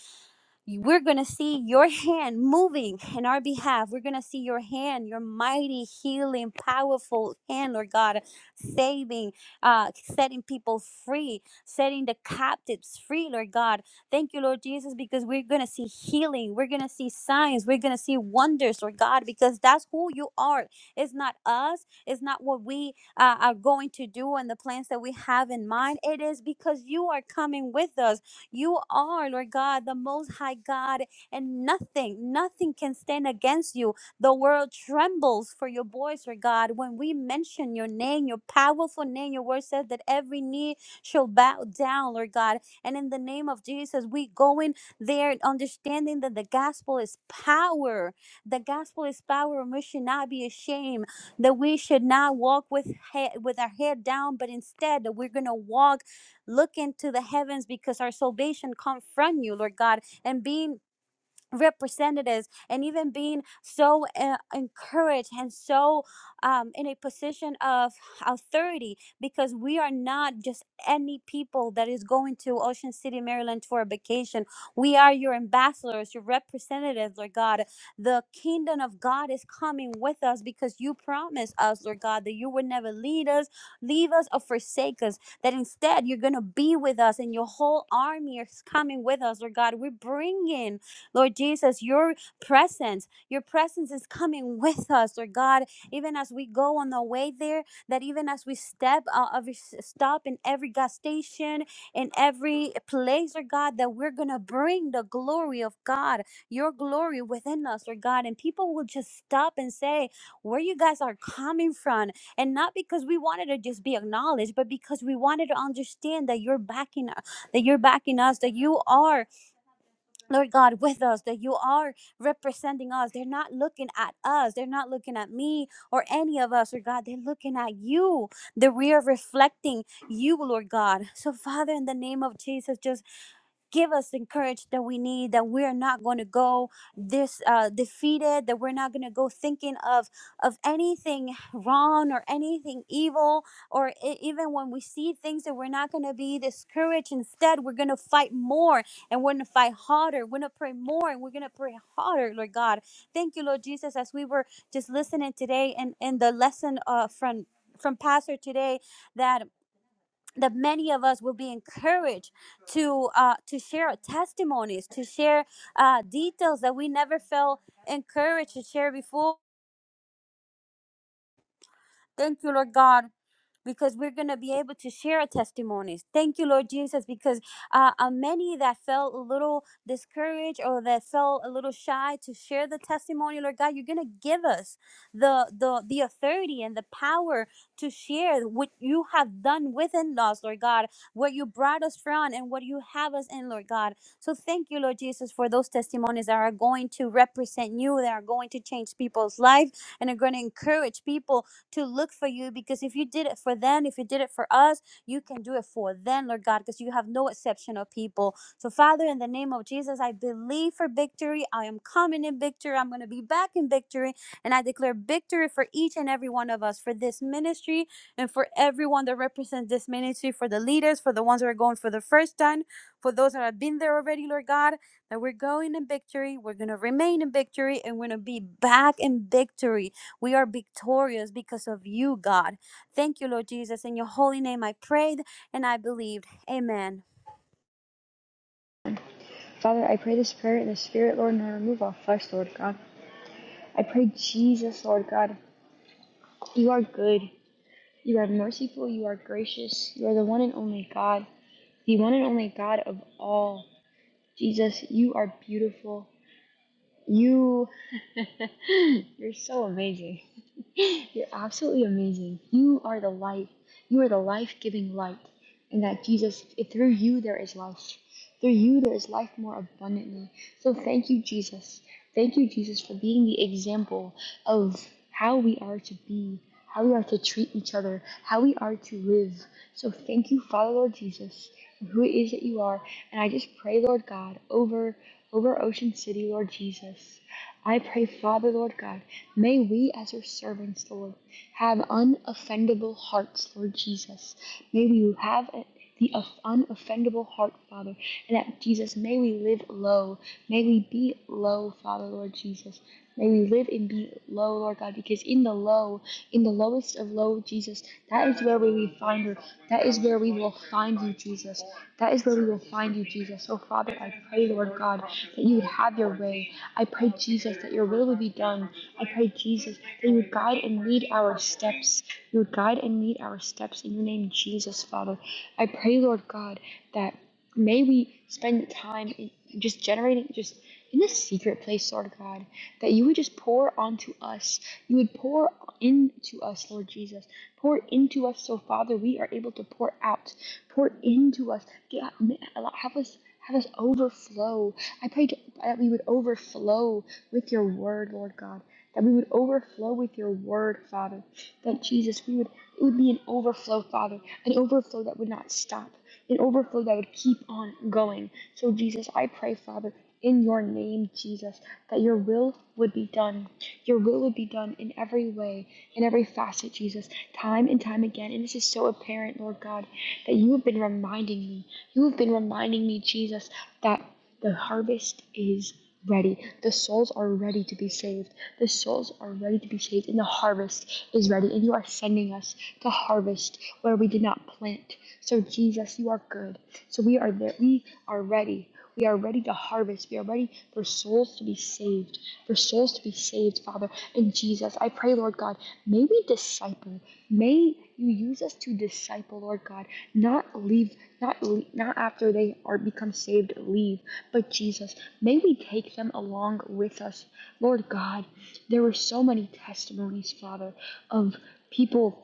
S4: we're going to see your hand moving in our behalf. We're going to see your hand, your mighty, healing, powerful hand, Lord God, saving, uh, setting people free, setting the captives free, Lord God. Thank you, Lord Jesus, because we're going to see healing. We're going to see signs. We're going to see wonders, Lord God, because that's who you are. It's not us. It's not what we uh, are going to do and the plans that we have in mind. It is because you are coming with us. You are, Lord God, the most high God, and nothing, nothing can stand against you. The world trembles for your voice, Lord God. When we mention your name, your powerful name, your word says that every knee shall bow down, Lord God. And in the name of Jesus, we go in there understanding that the gospel is power. The gospel is power, and we should not be ashamed. That we should not walk with head, with our head down, but instead that we're gonna walk Look into the heavens because our salvation come from you, Lord God. And being representatives and even being so uh, encouraged and so um, in a position of authority because we are not just any people that is going to ocean city maryland for a vacation we are your ambassadors your representatives lord god the kingdom of god is coming with us because you promised us lord god that you would never lead us leave us or forsake us that instead you're going to be with us and your whole army is coming with us lord god we're bringing Lord Jesus, your presence, your presence is coming with us, Lord God, even as we go on the way there, that even as we step uh, every s- stop in every gas station, in every place, Lord God, that we're going to bring the glory of God, your glory within us, Lord God. And people will just stop and say, where you guys are coming from. And not because we wanted to just be acknowledged, but because we wanted to understand that you're backing us, that you're backing us, that you are Lord God, with us, that you are representing us. They're not looking at us. They're not looking at me or any of us, Lord God. They're looking at you, that we are reflecting you, Lord God. So, Father, in the name of Jesus, just give us the courage that we need that we're not going to go this uh, defeated that we're not going to go thinking of of anything wrong or anything evil or e- even when we see things that we're not going to be discouraged instead we're going to fight more and we're going to fight harder we're going to pray more and we're going to pray harder lord god thank you lord jesus as we were just listening today and in the lesson uh, from from pastor today that that many of us will be encouraged to uh, to share testimonies, to share uh, details that we never felt encouraged to share before. Thank you, Lord God because we're going to be able to share our testimonies. Thank you, Lord Jesus, because uh, uh, many that felt a little discouraged or that felt a little shy to share the testimony, Lord God, you're going to give us the, the, the authority and the power to share what you have done within us, Lord God, where you brought us from and what you have us in, Lord God. So thank you, Lord Jesus, for those testimonies that are going to represent you, that are going to change people's life and are going to encourage people to look for you because if you did it for them, if you did it for us, you can do it for them, Lord God, because you have no exception of people. So, Father, in the name of Jesus, I believe for victory. I am coming in victory. I'm going to be back in victory. And I declare victory for each and every one of us, for this ministry, and for everyone that represents this ministry, for the leaders, for the ones that are going for the first time, for those that have been there already, Lord God, that we're going in victory. We're going to remain in victory, and we're going to be back in victory. We are victorious because of you, God. Thank you, Lord Jesus. In your holy name, I prayed and I believed. Amen.
S5: Father, I pray this prayer in the Spirit, Lord, and remove all flesh, Lord God. I pray, Jesus, Lord God, you are good. You are merciful. You are gracious. You are the one and only God, the one and only God of all. Jesus, you are beautiful. You, you're so amazing. You're absolutely amazing. You are the light. You are the life giving light. and that Jesus, through you there is life. Through you there is life more abundantly. So thank you, Jesus. Thank you, Jesus, for being the example of how we are to be, how we are to treat each other, how we are to live. So thank you, Father, Lord Jesus, for who it is that you are. And I just pray, Lord God, over over Ocean City, Lord Jesus. I pray, Father, Lord God, may we as your servants, Lord, have unoffendable hearts, Lord Jesus. May we have a- the unoffendable heart, Father, and that, Jesus, may we live low. May we be low, Father, Lord Jesus. May we live in the low, Lord God, because in the low, in the lowest of low, Jesus, that is where we will find her. That is where we will find you, Jesus. That is where we will find you, Jesus. Oh, Father, I pray, Lord God, that you would have your way. I pray, Jesus, that your will would be done. I pray, Jesus, that you would guide and lead our steps. You would guide and lead our steps in your name, Jesus, Father. I pray, Lord God, that. May we spend time in just generating, just in the secret place, Lord God, that you would just pour onto us. You would pour into us, Lord Jesus. Pour into us, so Father, we are able to pour out. Pour into us. Get- Have us. Have us overflow. I pray that we would overflow with your word, Lord God. That we would overflow with your word, Father. That Jesus, we would it would be an overflow, Father, an overflow that would not stop, an overflow that would keep on going. So, Jesus, I pray, Father, in your name, Jesus, that your will would be done. Your will would be done in every way, in every facet, Jesus, time and time again. And this is so apparent, Lord God, that you have been reminding me. You have been reminding me, Jesus, that the harvest is ready. The souls are ready to be saved. The souls are ready to be saved, and the harvest is ready. And you are sending us to harvest where we did not plant. So, Jesus, you are good. So, we are there. We are ready. We are ready to harvest. We are ready for souls to be saved. For souls to be saved, Father. And Jesus, I pray, Lord God, may we disciple. May you use us to disciple, Lord God, not leave, not le not after they are become saved, leave, but Jesus, may we take them along with us, Lord God. There were so many testimonies, Father, of people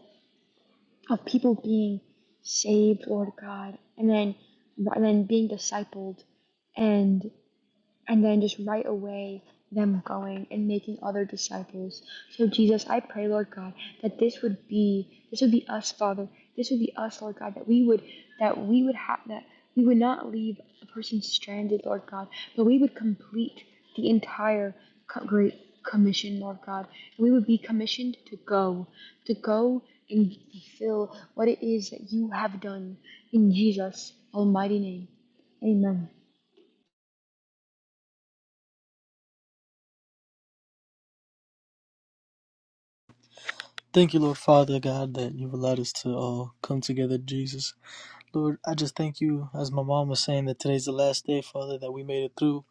S5: of people being saved, Lord God, and then and then being discipled, and and then just right away them going and making other disciples. So Jesus, I pray, Lord God, that this would be this would be us, Father. This would be us, Lord God, that we would that we would have that we would not leave a person stranded, Lord God, but we would complete the entire great commission, Lord God. And we would be commissioned to go, to go and fulfill what it is that you have done in Jesus' almighty name. Amen.
S6: Thank you, Lord Father God, that you've allowed us to all come together, Jesus. Lord, I just thank you, as my mom was saying, that today's the last day, Father, that we made it through.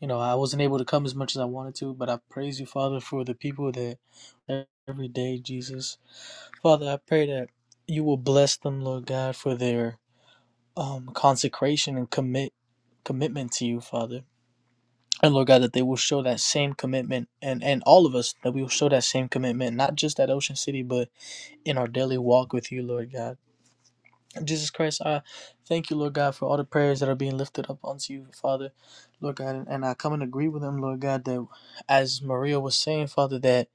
S6: You know, I wasn't able to come as much as I wanted to, but I praise you, Father, for the people that every day, Jesus. Father, I pray that you will bless them, Lord God, for their um, consecration and commit commitment to you, Father. And Lord God, that they will show that same commitment, and and all of us that we will show that same commitment, not just at Ocean City, but in our daily walk with you, Lord God. Jesus Christ, I thank you, Lord God, for all the prayers that are being lifted up unto you, Father, Lord God, and, and I come and agree with them, Lord God, that as Maria was saying, Father, that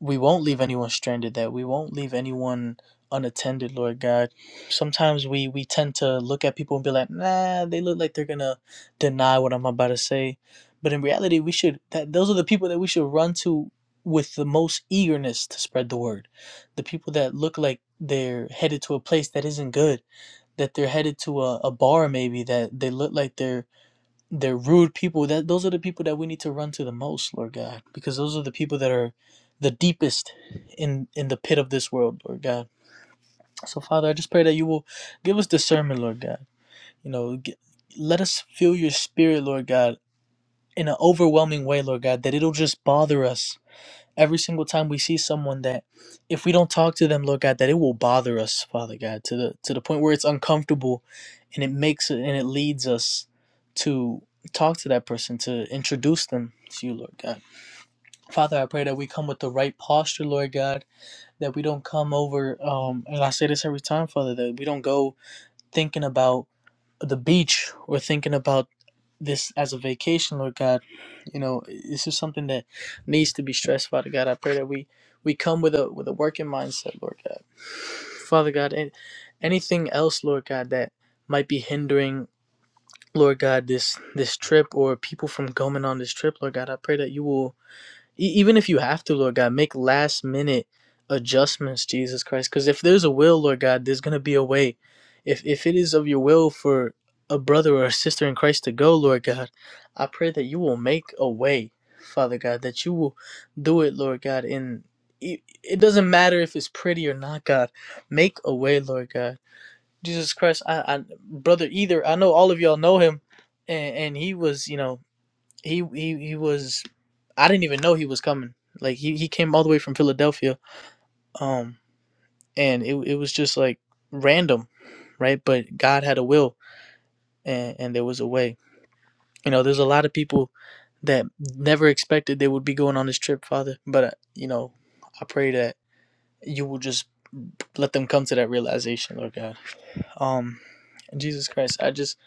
S6: we won't leave anyone stranded, that we won't leave anyone unattended, Lord God. Sometimes we we tend to look at people and be like, nah, they look like they're gonna deny what I'm about to say, but in reality, we should that those are the people that we should run to with the most eagerness to spread the word, the people that look like they're headed to a place that isn't good that they're headed to a, a bar maybe that they look like they're they're rude people that those are the people that we need to run to the most lord god because those are the people that are the deepest in in the pit of this world lord god so father i just pray that you will give us discernment lord god you know g let us feel your spirit lord god in an overwhelming way lord god that it'll just bother us every single time we see someone that if we don't talk to them lord god that it will bother us father god to the to the point where it's uncomfortable and it makes it and it leads us to talk to that person to introduce them to you lord god father i pray that we come with the right posture lord god that we don't come over um and i say this every time father that we don't go thinking about the beach or thinking about this as a vacation, Lord God, you know, this is something that needs to be stressed, Father God. I pray that we we come with a with a working mindset, Lord God. Father God, and anything else, Lord God, that might be hindering, Lord God, this this trip or people from going on this trip, Lord God, I pray that you will E- even if you have to, Lord God, make last minute adjustments, Jesus Christ. Because if there's a will, Lord God, there's gonna be a way. If if it is of your will for a brother or a sister in Christ to go, Lord God, I pray that you will make a way, Father God, that you will do it, Lord God. And it, it doesn't matter if it's pretty or not, God. Make a way, Lord God. Jesus Christ, I, I brother either I know all of y'all know him, and, and he was you know he he he was. I didn't even know he was coming. Like he he came all the way from Philadelphia. Um, and it it was just like random, right? But God had a will, and and there was a way. You know, there's a lot of people that never expected they would be going on this trip, Father. But uh, you know, I pray that you will just let them come to that realization, Lord God. Um, Jesus Christ, I just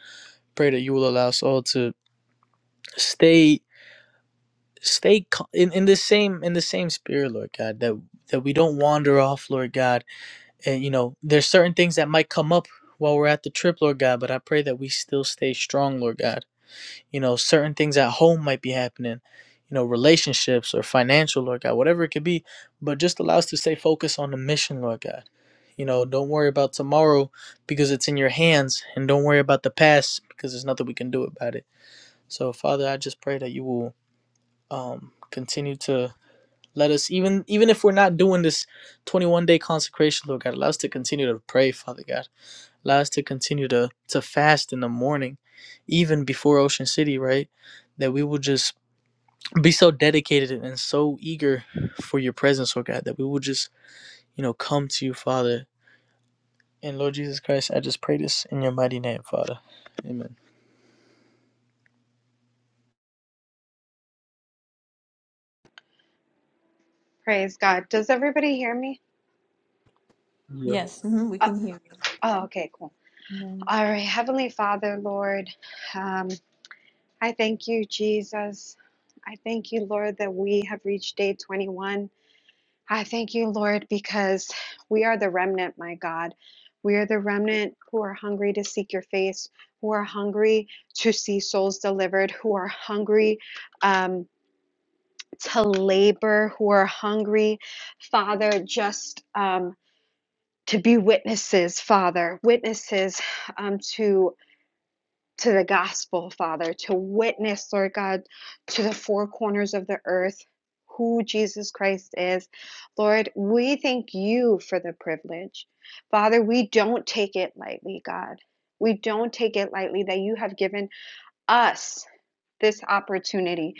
S6: pray that you will allow us all to stay stay co- in, in the same in the same spirit lord god that that we don't wander off lord god and you know there's certain things that might come up while we're at the trip lord god but i pray that we still stay strong lord god you know certain things at home might be happening you know relationships or financial lord god whatever it could be but just allow us to stay focused on the mission lord god you know don't worry about tomorrow because it's in your hands and don't worry about the past because there's nothing we can do about it so father i just pray that you will um, continue to let us even even if we're not doing this 21 day consecration, Lord God, allow us to continue to pray, Father God. Allow us to continue to to fast in the morning, even before Ocean City, right? That we will just be so dedicated and so eager for your presence, Lord God, that we will just, you know, come to you, Father. And Lord Jesus Christ, I just pray this in your mighty name, Father. Amen.
S7: Praise God. Does everybody hear me?
S6: Yeah.
S2: Mhm, we
S7: Uh,
S2: can-
S7: oh, okay, cool. All right, Heavenly Father, Lord, um, I thank you, Jesus. I thank you, Lord, that we have reached day 21. I thank you, Lord, because we are the remnant, my God. We are the remnant who are hungry to seek your face, who are hungry to see souls delivered, who are hungry um, to labor, who are hungry, Father, just. Um, to be witnesses, Father, witnesses um, to to the gospel, Father, to witness, Lord God, to the four corners of the earth who Jesus Christ is. Lord, we thank you for the privilege. Father, we don't take it lightly, God. We don't take it lightly that you have given us this opportunity,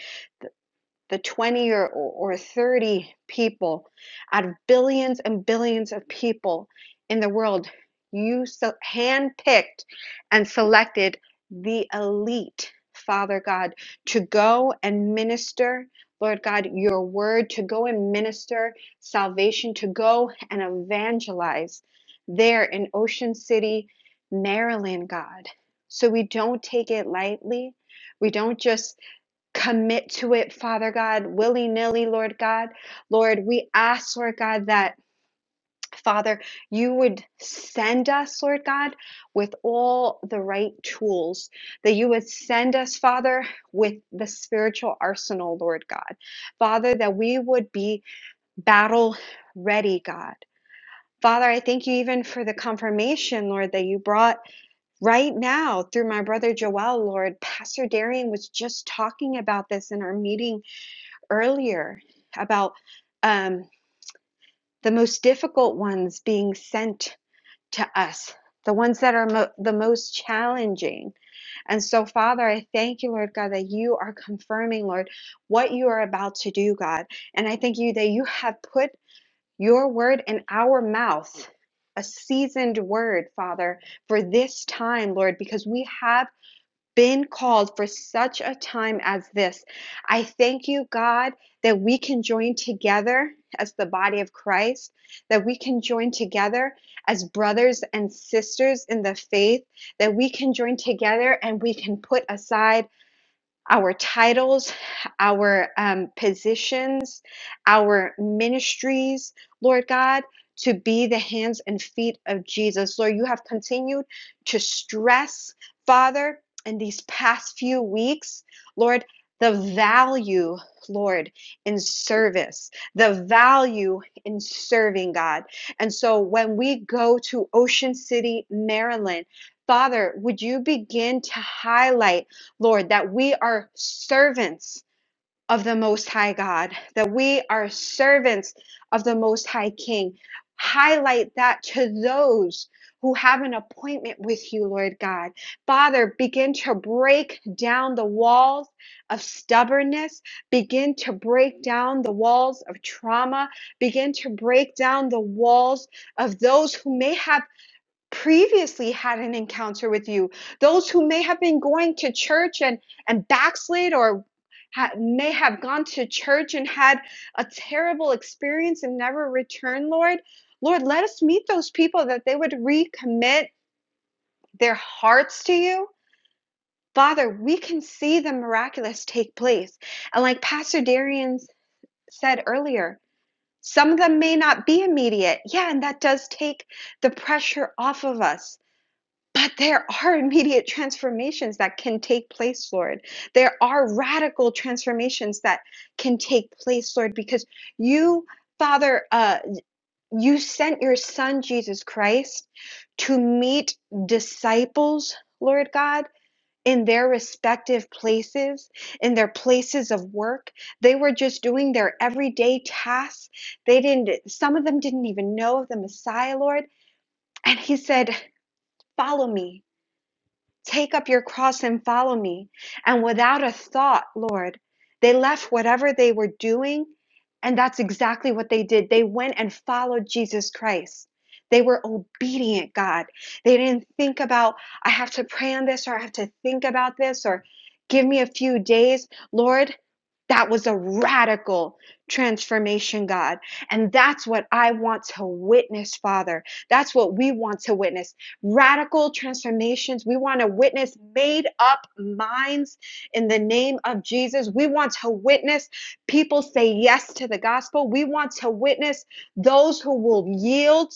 S7: the 20 or, or 30 people out of billions and billions of people in the world, you so handpicked and selected the elite, Father God, to go and minister, Lord God, your word, to go and minister salvation, to go and evangelize there in Ocean City, Maryland, God. So we don't take it lightly. We don't just commit to it, Father God, willy nilly, Lord God. Lord, we ask, Lord God, that, Father, you would send us, Lord God, with all the right tools, that you would send us, Father, with the spiritual arsenal, Lord God. Father, that we would be battle ready, God. Father, I thank you even for the confirmation, Lord, that you brought right now through my brother Joel, Lord. Pastor Darian was just talking about this in our meeting earlier about um, the most difficult ones being sent to us, the ones that are mo- the most challenging. And so, Father, I thank you, Lord God, that you are confirming, Lord, what you are about to do, God. And I thank you that you have put your word in our mouth, a seasoned word, Father, for this time, Lord, because we have been called for such a time as this. I thank you, God, that we can join together as the body of Christ, that we can join together as brothers and sisters in the faith, that we can join together and we can put aside our titles, our um, positions, our ministries, Lord God, to be the hands and feet of Jesus. Lord, you have continued to stress, Father, in these past few weeks, Lord, the value, Lord, in service, the value in serving God. And so when we go to Ocean City, Maryland, Father, would you begin to highlight? Lord, that we are servants of the Most High God, that we are servants of the Most High King. Highlight that to those who have an appointment with you, Lord God. Father, begin to break down the walls of stubbornness, begin to break down the walls of trauma, begin to break down the walls of those who may have previously had an encounter with you, those who may have been going to church and, and backslid or ha- may have gone to church and had a terrible experience and never returned, Lord. Lord, let us meet those people that they would recommit their hearts to you. Father, we can see the miraculous take place. And like Pastor Darian said earlier, some of them may not be immediate. Yeah, and that does take the pressure off of us but there are immediate transformations that can take place, Lord. There are radical transformations that can take place, Lord, because you, Father, uh, you sent your Son, Jesus Christ, to meet disciples, Lord God. In their respective places, in their places of work. They were just doing their everyday tasks. They didn't, some of them didn't even know of the Messiah, Lord. And He said, Follow me Take up your cross and follow me. And without a thought, Lord, they left whatever they were doing. And that's exactly what they did. They went and followed Jesus Christ. They were obedient, God. They didn't think about, I have to pray on this or I have to think about this or give me a few days. Lord, that was a radical transformation, God. And that's what I want to witness, Father. That's what we want to witness radical transformations. We want to witness made up minds in the name of Jesus. We want to witness people say yes to the gospel. We want to witness those who will yield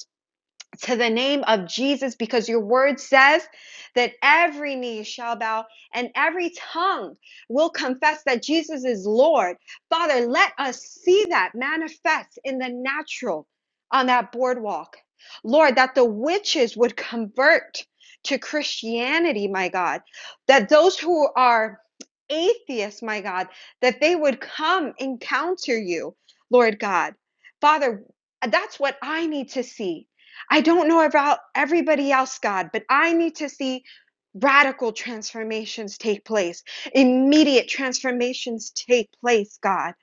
S7: to the name of Jesus because your word says that every knee shall bow and every tongue will confess that Jesus is Lord. Father, let us see that manifest in the natural on that boardwalk. Lord, that the witches would convert to Christianity, my God, that those who are atheists, my God, that they would come encounter you, Lord God. Father, that's what I need to see. I don't know about everybody else, God, but I need to see radical transformations take place, immediate transformations take place, God.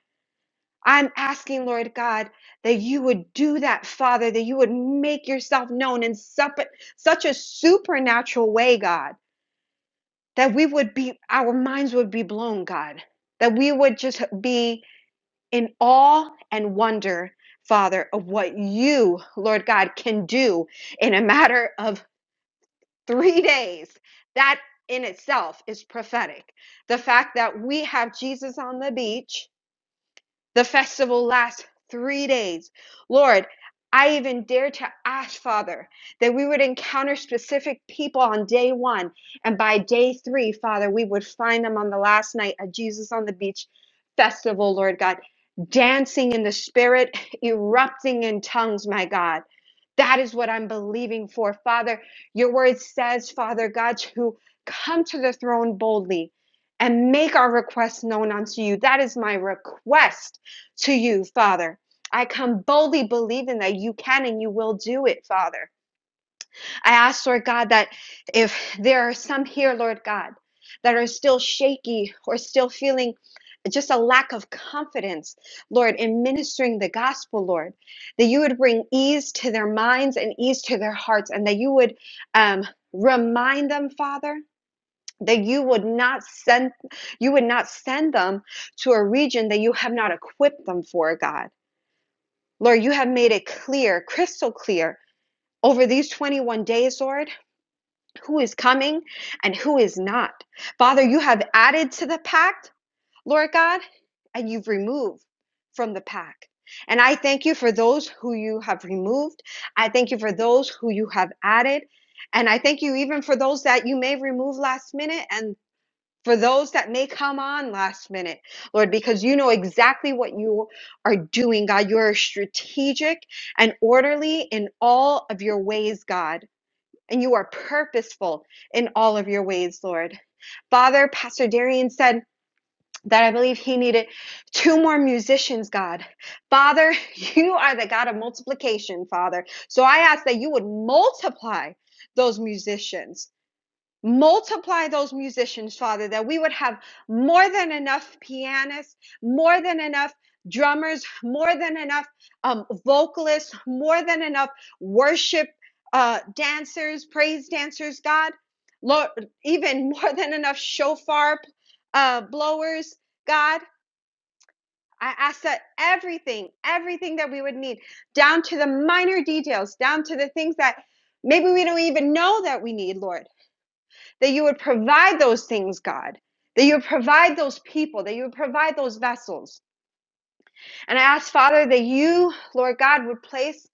S7: I'm asking, Lord God, that you would do that, Father, that you would make yourself known in sup- such a supernatural way, God, that we would be, our minds would be blown, God, that we would just be in awe and wonder, Father, of what you, Lord God, can do in a matter of three days. That in itself is prophetic. The fact that we have Jesus on the beach the festival lasts three days. Lord, I even dare to ask, Father, that we would encounter specific people on day one. And by day three, Father, we would find them on the last night at Jesus on the Beach Festival, Lord God, dancing in the spirit, erupting in tongues, my God. That is what I'm believing for, Father. Your word says, Father God, to come to the throne boldly and make our requests known unto you. That is my request to you, Father. I come boldly believing that you can and you will do it, Father. I ask, Lord God, that if there are some here, Lord God, that are still shaky or still feeling just a lack of confidence, Lord, in ministering the gospel, Lord, that you would bring ease to their minds and ease to their hearts, and that you would um, remind them, Father, that you would not send you would not send them to a region that you have not equipped them for, God. Lord, you have made it clear, crystal clear. Over these 21 days, Lord, who is coming and who is not. Father, you have added to the pact, Lord God, and you've removed from the pact. And I thank you for those who you have removed. I thank you for those who you have added. And I thank you even for those that you may remove last minute. And for those that may come on last minute, Lord, because you know exactly what you are doing, God. You are strategic and orderly in all of your ways, God, and you are purposeful in all of your ways, Lord. Father, Pastor Darian said, that I believe he needed two more musicians, God. Father, you are the God of multiplication, Father. So I ask that you would multiply those musicians Multiply those musicians, Father, that we would have more than enough pianists, more than enough drummers, more than enough um, vocalists, more than enough worship uh, dancers, praise dancers, God. Lord, even more than enough shofar uh, blowers, God. I ask that everything, everything that we would need, down to the minor details, down to the things that maybe we don't even know that we need, Lord that you would provide those things, God, that you would provide those people, that you would provide those vessels. And I ask, Father, that you, Lord God, would place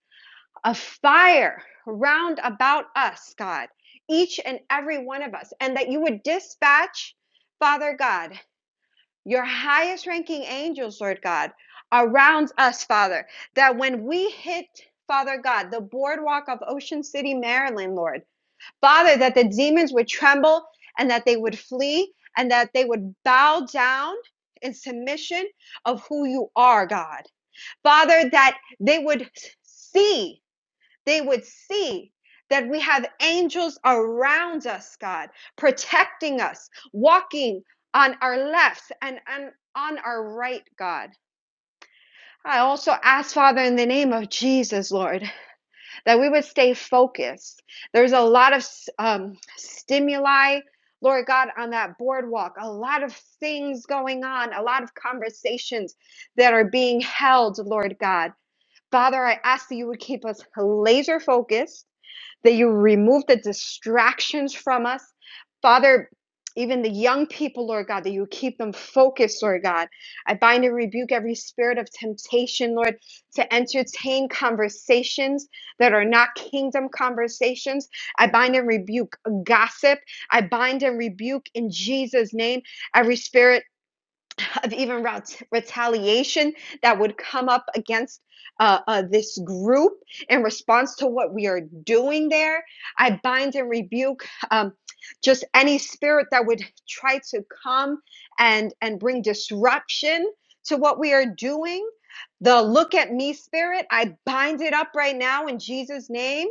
S7: a fire round about us, God, each and every one of us, and that you would dispatch, Father God, your highest ranking angels, Lord God, around us, Father, that when we hit Father God, the boardwalk of Ocean City, Maryland, Lord. Father, that the demons would tremble and that they would flee and that they would bow down in submission of who you are, God. Father, that they would see, they would see that we have angels around us, God, protecting us, walking on our left and, and on our right, God. I also ask, Father, in the name of Jesus, Lord that we would stay focused. There's a lot of um, stimuli, Lord God, on that boardwalk, a lot of things going on, a lot of conversations that are being held, Lord God. Father, I ask that you would keep us laser focused that you remove the distractions from us. Father, even the young people, Lord God, that you keep them focused, Lord God. I bind and rebuke every spirit of temptation, Lord, to entertain conversations that are not kingdom conversations. I bind and rebuke gossip. I bind and rebuke in Jesus' name every spirit of even ret- retaliation that would come up against uh, uh, this group in response to what we are doing there. I bind and rebuke um, just any spirit that would try to come and and bring disruption to what we are doing. The look at me spirit, I bind it up right now in Jesus' name.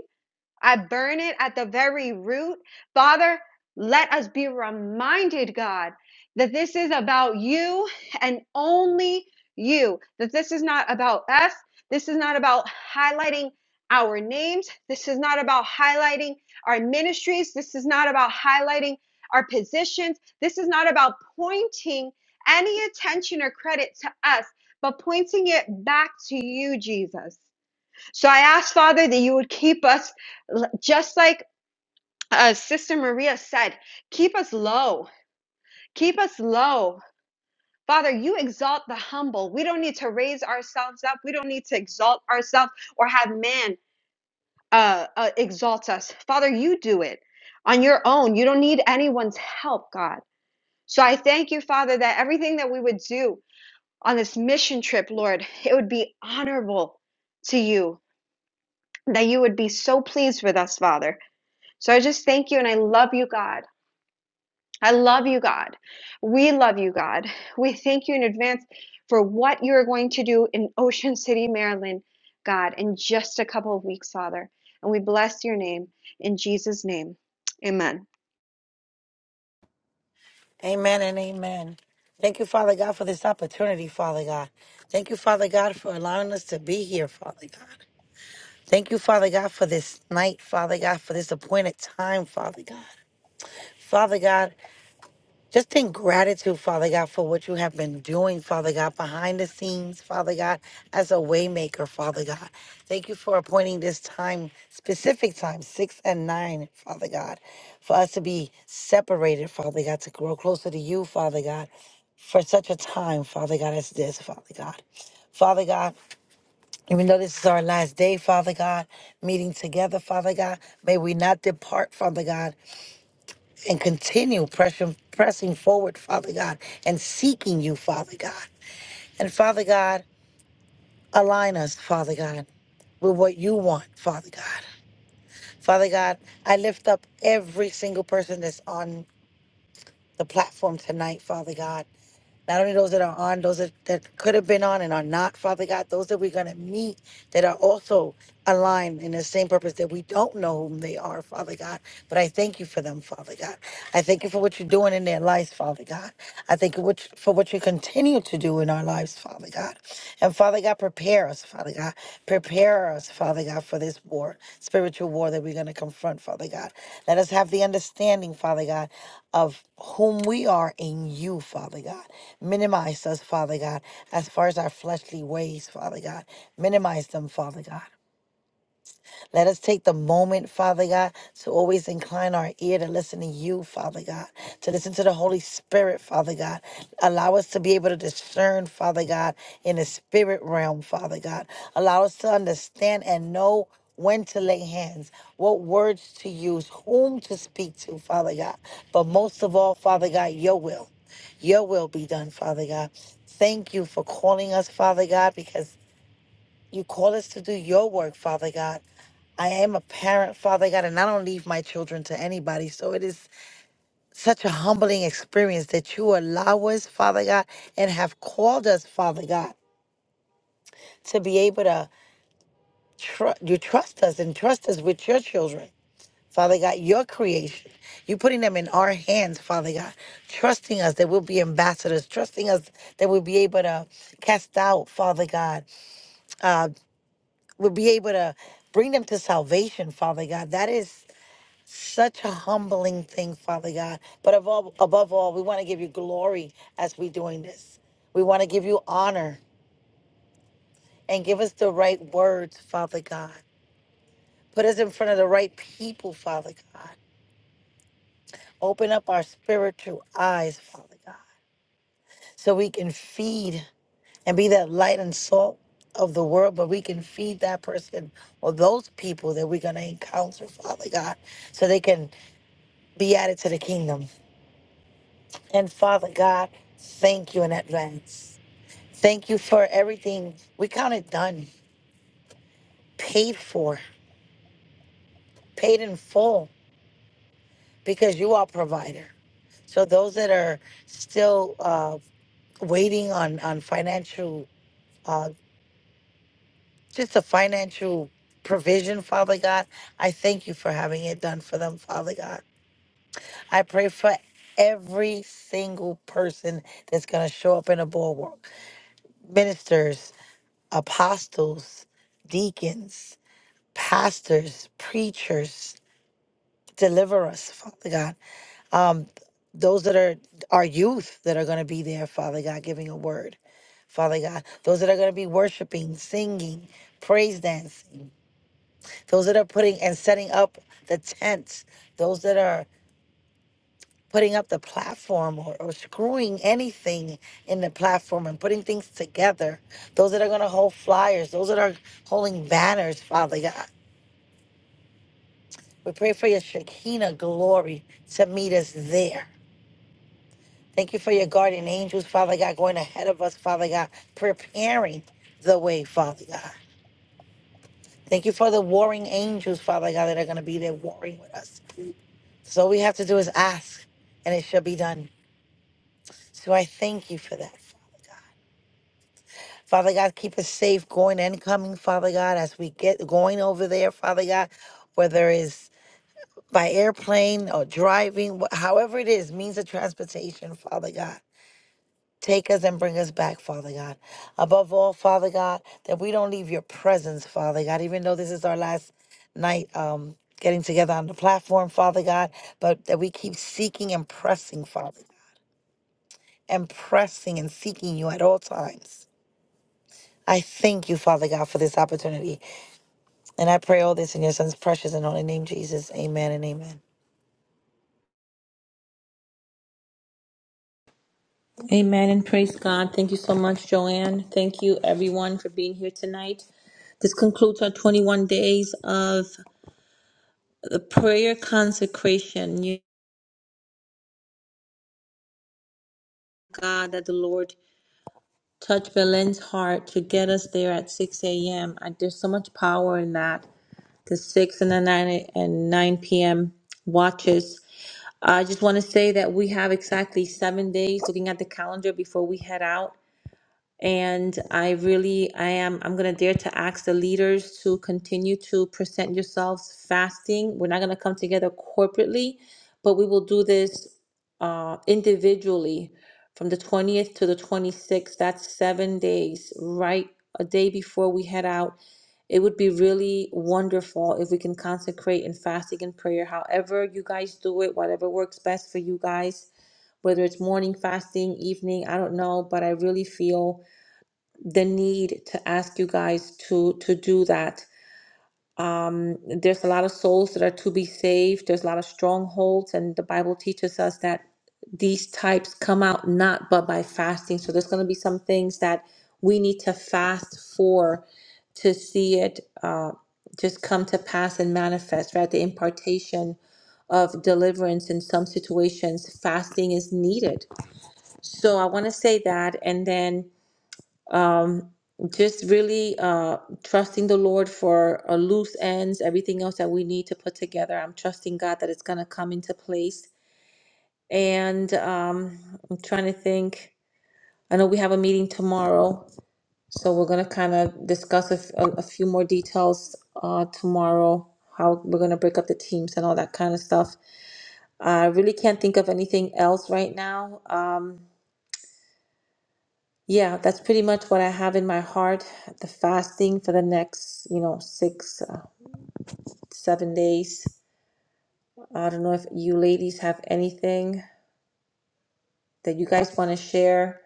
S7: I burn it at the very root. Father, let us be reminded, God, that this is about you and only you, that this is not about us. This is not about highlighting our names. This is not about highlighting our ministries. This is not about highlighting our positions. This is not about pointing any attention or credit to us, but pointing it back to you, Jesus. So I ask, Father, that you would keep us just like uh, Sister Maria said, keep us low, keep us low. Father, you exalt the humble. We don't need to raise ourselves up. We don't need to exalt ourselves or have man uh, uh, exalt us. Father, you do it on your own. You don't need anyone's help, God. So I thank you, Father, that everything that we would do on this mission trip, Lord, it would be honorable to you, that you would be so pleased with us, Father. So I just thank you and I love you, God. I love you, God. We love you, God. We thank you in advance for what you're going to do in Ocean City, Maryland, God, in just a couple of weeks, Father. And we bless your name in Jesus' name. Amen.
S8: Amen and amen. Thank you, Father God, for this opportunity, Father God. Thank you, Father God, for allowing us to be here, Father God. Thank you, Father God, for this night, Father God, for this appointed time, Father God. Father God, just in gratitude, Father God, for what you have been doing, Father God, behind the scenes, Father God, as a waymaker, Father God. Thank you for appointing this time, specific time, six and nine, Father God, for us to be separated, Father God, to grow closer to you, Father God, for such a time, Father God, as this, Father God. Father God, even though this is our last day, Father God, meeting together, Father God, may we not depart, Father God, and continue pressing, pressing forward, Father God, and seeking you, Father God. And Father God, align us, Father God, with what you want, Father God. Father God, I lift up every single person that's on the platform tonight, Father God. not only those that are on, those that, that could have been on and are not, Father God, those that we're going to meet that are also aligned in the same purpose that we don't know whom they are, Father God. But I thank you for them, Father God. I thank you for what you're doing in their lives, Father God. I thank you what- for what you continue to do in our lives, Father God. And Father God, prepare us, Father God. Prepare us, Father God, for this war, spiritual war that we're going to confront, Father God. Let us have the understanding, Father God, of whom we are in you, Father God. Minimize us, Father God, as far as our fleshly ways, Father God. Minimize them, Father God. Let us take the moment, Father God, to always incline our ear to listen to you, Father God, to listen to the Holy Spirit, Father God. Allow us to be able to discern, Father God, in the spirit realm, Father God. Allow us to understand and know when to lay hands, what words to use, whom to speak to, Father God. But most of all, Father God, your will. Your will be done, Father God. Thank you for calling us, Father God, because you call us to do your work, Father God. I am a parent, Father God, and I don't leave my children to anybody. So it is such a humbling experience that you allow us, Father God, and have called us, Father God, to be able to tr- you trust us and trust us with your children, Father God, your creation. You putting them in our hands, Father God, trusting us that we'll be ambassadors, trusting us that we'll be able to cast out, Father God. uh, will be able to bring them to salvation, Father God. That is such a humbling thing, Father God. But above, above all, we want to give you glory as we're doing this. We want to give you honor and give us the right words, Father God. Put us in front of the right people, Father God. Open up our spiritual eyes, Father God, so we can feed and be that light and salt of the world, but we can feed that person or those people that we're going to encounter, Father God, so they can be added to the kingdom. And Father God, thank you in advance. Thank you for everything. We count it done, paid for, paid in full, because you are provider. So those that are still uh, waiting on on financial, uh, just a financial provision, Father God, I thank you for having it done for them, Father God. I pray for every single person that's going to show up in a bulwark, ministers apostles, deacons, pastors, preachers. Deliver us, Father God. Um, those that are our youth that are going to be there, Father God, giving a word, Father God. Those that are going to be worshiping, singing, praise dancing. Those that are putting and setting up the tents. Those that are putting up the platform or, or screwing anything in the platform and putting things together. Those that are going to hold flyers. Those that are holding banners, Father God. We pray for your Shekinah glory to meet us there. Thank you for your guardian angels, Father God, going ahead of us, Father God, preparing the way, Father God. Thank you for the warring angels, Father God, that are going to be there warring with us. So all we have to do is ask, and it shall be done. So I thank you for that, Father God. Father God, keep us safe going and coming, Father God, as we get going over there, Father God, whether it's by airplane or driving, wh- however it is, means of transportation, Father God. Take us and bring us back, Father God. Above all, Father God, that we don't leave your presence, Father God, even though this is our last night um, getting together on the platform, Father God, but that we keep seeking and pressing, Father, and pressing and seeking you at all times. I thank you, Father God, for this opportunity. And I pray all this in your son's precious and holy name, Jesus. Amen and amen.
S2: Amen and praise God. Thank you so much, Joanne. Thank you, everyone, for being here tonight. This concludes our 21 days of the prayer consecration. You, God, that the Lord touch Belen's heart to get us there at 6 a.m. there's so much power in that. The 6 and the 9 a- and 9 p.m. watches. I just want to say that we have exactly seven days looking at the calendar before we head out. And I really, I am, I'm going to dare to ask the leaders to continue to present yourselves fasting. We're not going to come together corporately, but we will do this uh, individually from the 20th to the 26th. That's seven days, right? A day before we head out it would be really wonderful if we can consecrate in fasting and prayer, however you guys do it, whatever works best for you guys, whether it's morning fasting, evening, I don't know, but I really feel the need to ask you guys to to do that um, there's a lot of souls that are to be saved. There's a lot of strongholds, and the Bible teaches us that these types come out not but by fasting. So there's going to be some things that we need to fast for to see it uh, just come to pass and manifest, right? The impartation of deliverance in some situations, fasting is needed. So I want to say that, and then um, just really uh, trusting the Lord for uh, loose ends, everything else that we need to put together. I'm trusting God that it's going to come into place. And um, I'm trying to think. I know we have a meeting tomorrow, so we're going to kind of discuss a, f- a- a few more details uh, tomorrow, how we're going to break up the teams and all that kind of stuff. I really can't think of anything else right now. Um, Yeah, that's pretty much what I have in my heart. The fasting for the next, you know, six, uh, seven days. I don't know if you ladies have anything that you guys want to share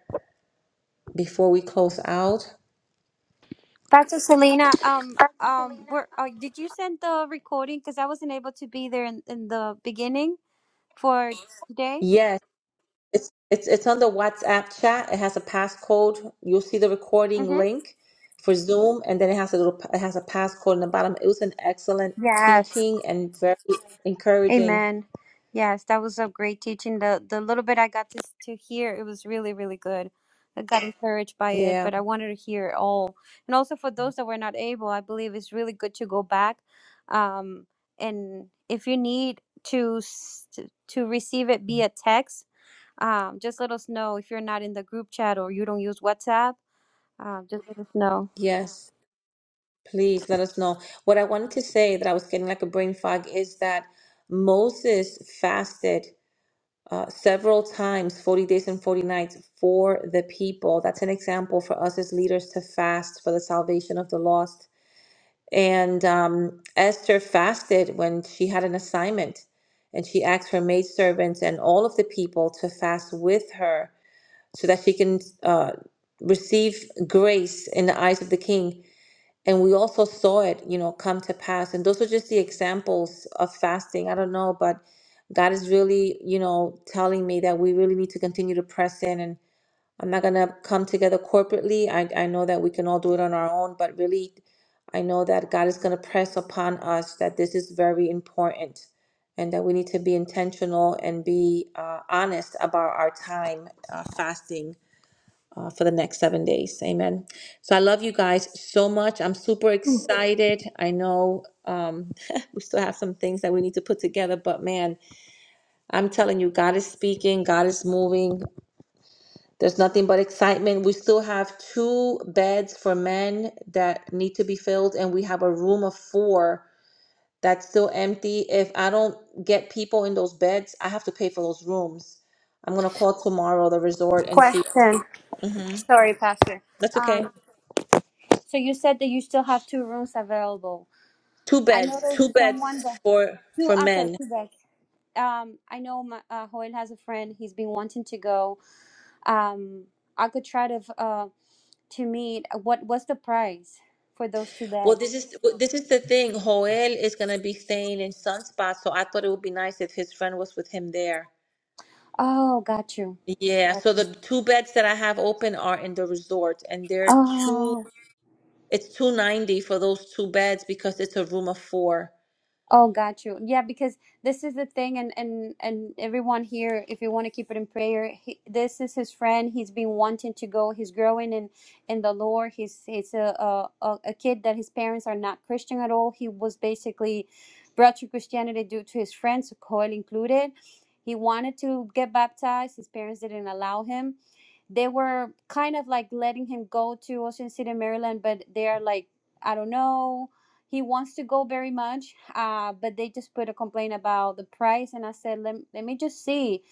S2: before we close out.
S4: Pastor Selena, um, um, were, uh, did you send the recording? Because I wasn't able to be there in, in the beginning for today.
S2: Yes, it's it's it's on the WhatsApp chat. It has a passcode. You'll see the recording
S4: Mm-hmm.
S2: link for Zoom, and then it has a little it has a passcode in the bottom. It was an excellent
S4: Yes.
S2: teaching and very encouraging.
S4: Amen. Yes, that was a great teaching. The the little bit I got to to hear, it was really, really good. I got encouraged by it,
S2: Yeah.
S4: but I wanted to hear it all. And also for those that were not able, I believe it's really good to go back. Um, and if you need to s- to to receive it via text, um, just let us know if you're not in the group chat or you don't use WhatsApp. Um, just let us know.
S2: Yes. Please let us know. What I wanted to say that I was getting like a brain fog is that Moses fasted uh, several times, 40 days and 40 nights for the people. That's an example for us as leaders to fast for the salvation of the lost. And um, Esther fasted when she had an assignment and she asked her maidservants and all of the people to fast with her so that she can uh, receive grace in the eyes of the king and we also saw it you know come to pass and those are just the examples of fasting i don't know but god is really you know telling me that we really need to continue to press in and i'm not going to come together corporately I, I know that we can all do it on our own but really i know that god is going to press upon us that this is very important and that we need to be intentional and be uh, honest about our time uh, fasting uh, for the next seven days. Amen. So I love you guys so much. I'm super
S5: Ooh,
S2: excited. I know um, we still have some things that we need to put together, but man, I'm telling you, God is speaking, God is moving. There's nothing but excitement. We still have two beds for men that need to be filled, and we have a room of four that's still empty. If I don't get people in those beds, I have to pay for those rooms. I'm gonna call tomorrow the resort and see.
S4: Question.
S2: hmm
S4: Sorry, Pastor.
S2: That's okay.
S4: Um, so you said that you still have two rooms available.
S2: Two
S4: I know
S2: beds,
S4: there's
S2: two beds
S4: someone that
S2: for
S4: to
S2: for
S4: after
S2: men.
S4: Quebec. Um, I know my, uh, Hoyle has a friend. He's been wanting to go. Um, I could try to uh to meet. What what's the price for those two
S2: Well,
S4: beds?
S2: this is well, this is the thing. Joel is gonna be staying in Sunspot, so I thought it would be nice if his friend was with him there.
S4: Oh, got you.
S2: Yeah,
S4: Got
S2: so the two beds that I have open are in the resort, and they're two.
S4: you.
S2: It's two ninety for those two beds because it's a room of four.
S4: Oh, got you. Yeah, because this is the thing, and and and everyone here, if you want to keep it in prayer, he, this is his friend. He's been wanting to go. He's growing in in the Lord. He's he's a a, a a kid that his parents are not Christian at all. He was basically brought to Christianity due to his friends, Coil included. He wanted to get baptized. His parents didn't allow him they were kind of like letting him go to Ocean City, Maryland, but they're like, I don't know. He wants to go very much, uh, but they just put a complaint about the price. And I said, let, let me just see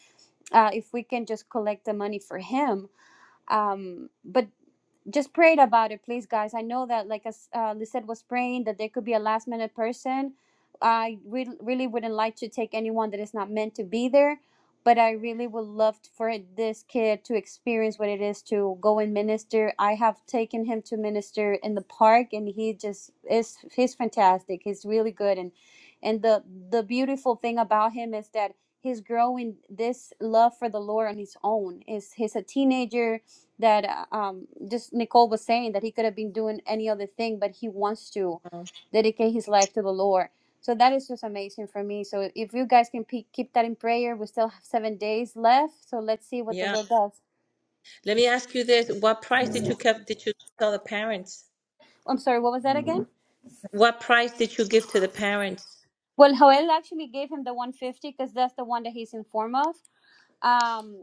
S4: uh, if we can just collect the money for him um but just prayed about it please guys i know that like as uh, lisette was praying that there could be a last minute person i re- really wouldn't like to take anyone that is not meant to be there but i really would love for this kid to experience what it is to go and minister i have taken him to minister in the park and he just is he's fantastic he's really good and and the the beautiful thing about him is that he's growing this love for the lord on his own is he's a teenager that uh, um just Nicole was saying that he could have been doing any other thing, but he wants to
S2: Oh,
S4: dedicate his life to the Lord. So that is just amazing for me. So if you guys can pe- keep that in prayer, we still have seven days left. So let's see what the
S2: yeah.
S4: Lord does.
S2: Let me ask you this: What price did you kept? Did you tell the parents?
S4: I'm sorry, what was that again?
S2: What price did you give to the parents?
S4: Well, Joel actually gave him the 150 because that's the one that he's in form of. Um,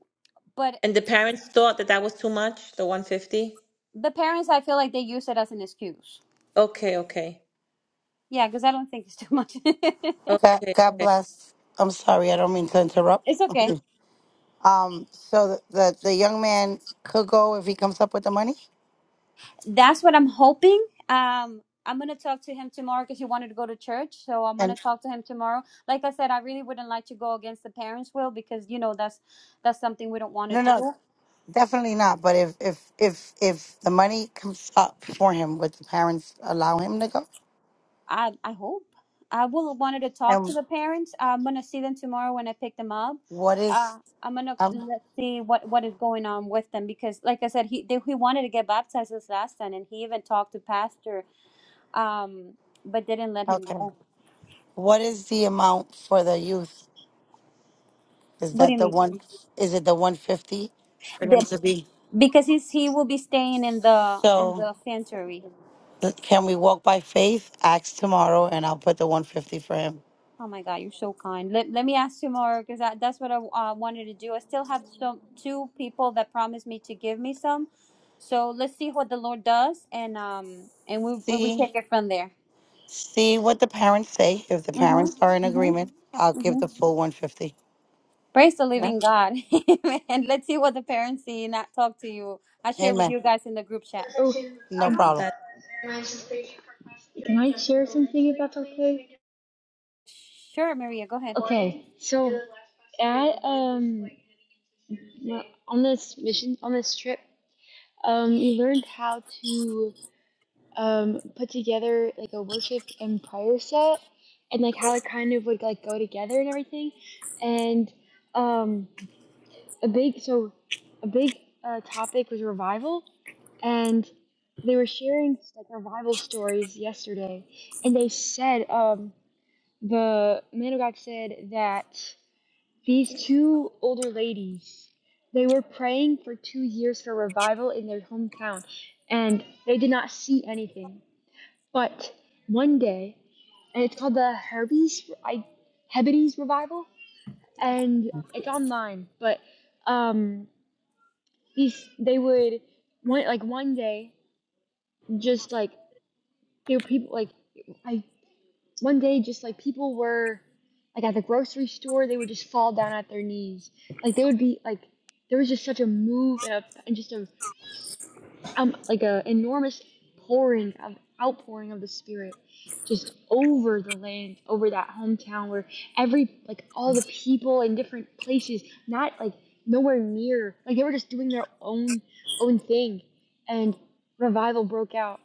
S4: but
S2: And the parents thought that that was too much, the one fifty.
S4: the parents, I feel like they use it as an excuse.
S2: Okay, okay.
S4: Yeah, because I don't think it's too much.
S8: God,
S2: Okay,
S8: God
S2: okay.
S8: bless. I'm sorry, I don't mean to interrupt.
S4: it's
S2: Mhm.
S4: okay.
S8: Um, so the, the the young man could go if he comes up with the money.
S4: that's what I'm hoping. Um, I'm gonna talk to him tomorrow because he wanted to go to church, so I'm gonna
S8: And
S4: talk to him tomorrow. Like I said, I really wouldn't like to go against the parents' will because you know that's that's something we don't want to
S8: no, no,
S4: do.
S8: definitely not. But if if if if the money comes up for him, would the parents allow him to go?
S4: I I hope I will wanted to talk to
S8: And
S4: the parents. I'm gonna see them tomorrow when I pick them up.
S8: what is
S4: Uh, I'm gonna
S8: um
S4: let's see what what is going on with them because, like I said, he they, he wanted to get baptized this last time, and he even talked to pastor, um, but they didn't let him
S8: okay?
S4: go.
S8: What is the amount for the youth? Is
S4: What do
S8: that
S4: you
S8: the
S4: mean?
S8: one? Is it the one fifty for him
S4: The
S8: to be?
S4: because he's, he will be staying in the in
S8: So
S4: the sanctuary.
S8: can we walk by faith? Ask tomorrow, and I'll put the one fifty for him.
S4: Oh my God, you're so kind. Let, let me ask tomorrow because that's what I uh, wanted to do. I still have some two people that promised me to give me some, so let's see what the Lord does, and um and we we we
S8: See
S4: take it from there.
S8: see what the parents say. If the
S4: Mhm.
S8: parents are in
S4: Mhm.
S8: agreement, I'll give
S4: Mhm.
S8: the full one fifty.
S4: Praise the
S2: Wow,
S8: Amen.
S4: living God, and let's see what the parents see. And not talk to you. I share with
S8: Amen.
S4: you guys in the group chat.
S5: ooh,
S8: No
S5: I
S8: problem.
S2: that
S5: Can I share something if that's okay?
S4: Sure, Maria, go ahead.
S5: Okay, so at um on this mission on this trip, um we learned how to um put together like a worship and prayer set and like how it kind of would like go together and everything. And um a big so a big uh, topic was revival and they were sharing like revival stories yesterday and they said um the man of God said that these two older ladies they were praying for two years for revival in their hometown and they did not see anything but one day and it's called the Herbies I Hebrides revival and it's online but um these they would one like one day just like there were people like I one day just like people were like at the grocery store they would just fall down at their knees like they would be like there was just such a move and, a, and just a um like a enormous pouring of outpouring of the spirit just over the land over that hometown where every like all the people in different places not like nowhere near like they were just doing their own own thing and revival broke out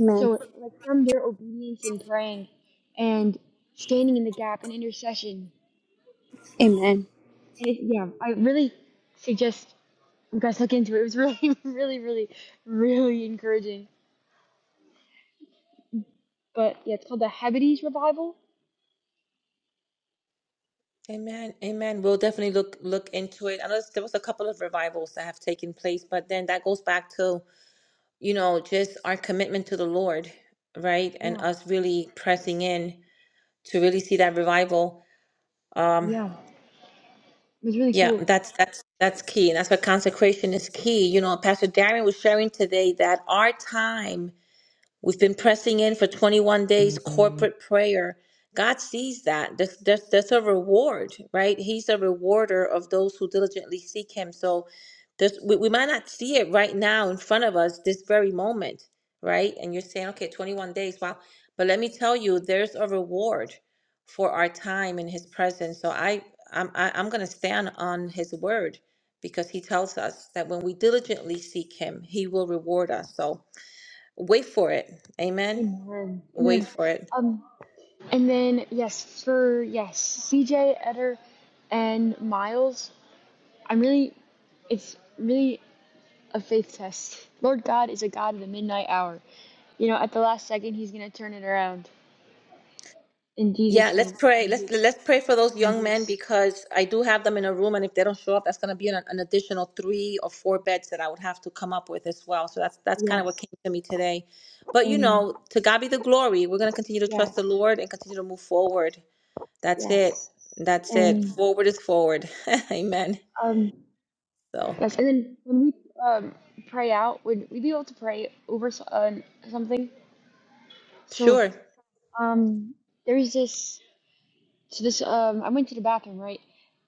S4: Amen.
S5: so, like from their obedience and praying and standing in the gap and intercession.
S4: Amen.
S5: And it, yeah, I really suggest you guys look into it. It was really, really, really, really encouraging. But yeah, it's called the Hebrides Revival.
S2: amen, amen. We'll definitely look look into it. I know there was a couple of revivals that have taken place, but then that goes back to, you know, just our commitment to the Lord, right? And
S5: Yeah,
S2: us really pressing in to really see that revival. Um,
S5: yeah, it was really
S2: yeah,
S5: cool.
S2: that's that's that's key, and that's why consecration is key. You know, Pastor Darren was sharing today that our time We've been pressing in for 21 days corporate prayer. God sees that. That's, that's, that's a reward, right? He's a rewarder of those who diligently seek Him. So this, we, we might not see it right now in front of us, this very moment, right? And you're saying, okay, 21 days, wow. But let me tell you, there's a reward for our time in His presence. So I, I'm, I, I'm going to stand on His word because He tells us that when we diligently seek Him, He will reward us. So wait for it amen
S5: Amen,
S2: wait
S5: amen.
S2: for it
S5: Um, and then yes, for yes, CJ Eder and Miles. I'm really, it's really a faith test. Lord God is a God of the midnight hour. You know, at the last second, he's gonna turn it around. In
S2: yeah
S5: Jesus'
S2: let's
S5: name,
S2: pray
S5: I'm
S2: let's
S5: just,
S2: let's pray for those
S5: I'm
S2: young men
S5: just,
S2: because i do have them in a room and if they don't show up that's going to be an, an additional three or four beds that i would have to come up with as well so that's that's kind of what
S5: yes,
S2: came to me today but you
S5: and
S2: know to god be the glory we're going to continue to
S5: yes,
S2: trust the lord and continue to move forward that's it
S5: yes,
S2: that's it
S5: and
S2: forward is forward amen
S5: um,
S2: so
S5: yes. And then when we um pray out, would we be able to pray over so- uh, something? So
S2: sure
S5: um, there's this. so this um I went to the bathroom right,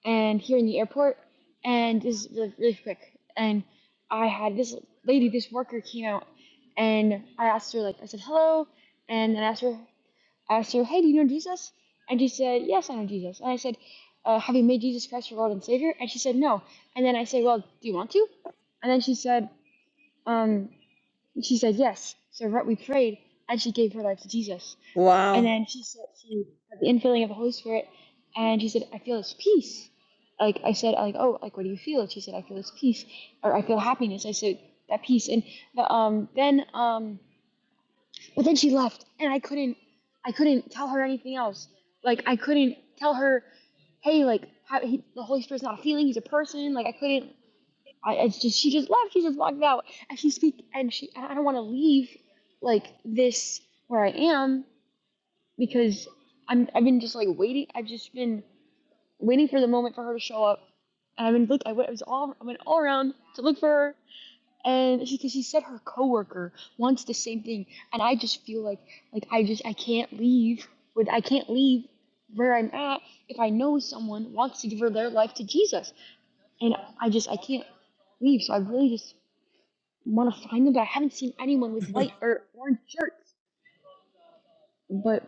S5: and here in the airport, and this is really, really quick, and I had this lady, this worker came out, and I asked her like I said hello, and then I asked her I asked her hey do you know Jesus? And she said yes I know Jesus, and I said uh, have you made Jesus Christ your Lord and Savior? And she said no, and then I said well do you want to? And then she said um she said yes, so right we prayed, and she gave her life to Jesus. And
S2: wow
S5: then she said she had the infilling of the Holy Spirit, and she said, "I feel this peace." Like I said, like oh, like what do you feel? And she said, "I feel this peace," or "I feel happiness." I said that peace, and the, um, then um, but then she left, and I couldn't, I couldn't tell her anything else. Like I couldn't tell her, hey, like how, he, the Holy Spirit's not a feeling; he's a person. Like I couldn't. I, I just she just left. She just walked out, and she speak, and she. I don't want to leave like this where I am because I'm I've been just like waiting. I've just been waiting for the moment for her to show up. And I've been look. I went. I was all. I went all around to look for her, and she because she said her coworker wants the same thing, and I just feel like like I just I can't leave with I can't leave where I'm at if I know someone wants to give her their life to Jesus, and I just I can't leave. So I really just want to find them, but I haven't seen anyone with white or orange shirts. But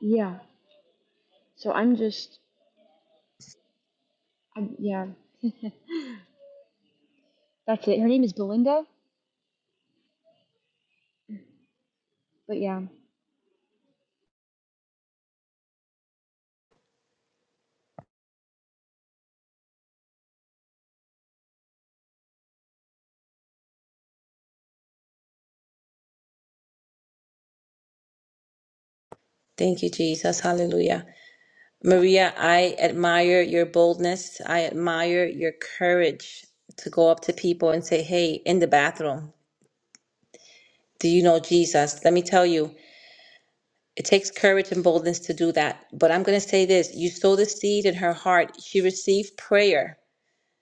S5: yeah, so I'm just I, yeah, that's it. Her name is Belinda, but yeah,
S2: thank you jesus hallelujah Maria, I admire your boldness. I admire your courage to go up to people and say, Hey, in the bathroom, do you know Jesus? Let me tell you, it takes courage and boldness to do that. But I'm going to say this you sow the seed in her heart, she received prayer.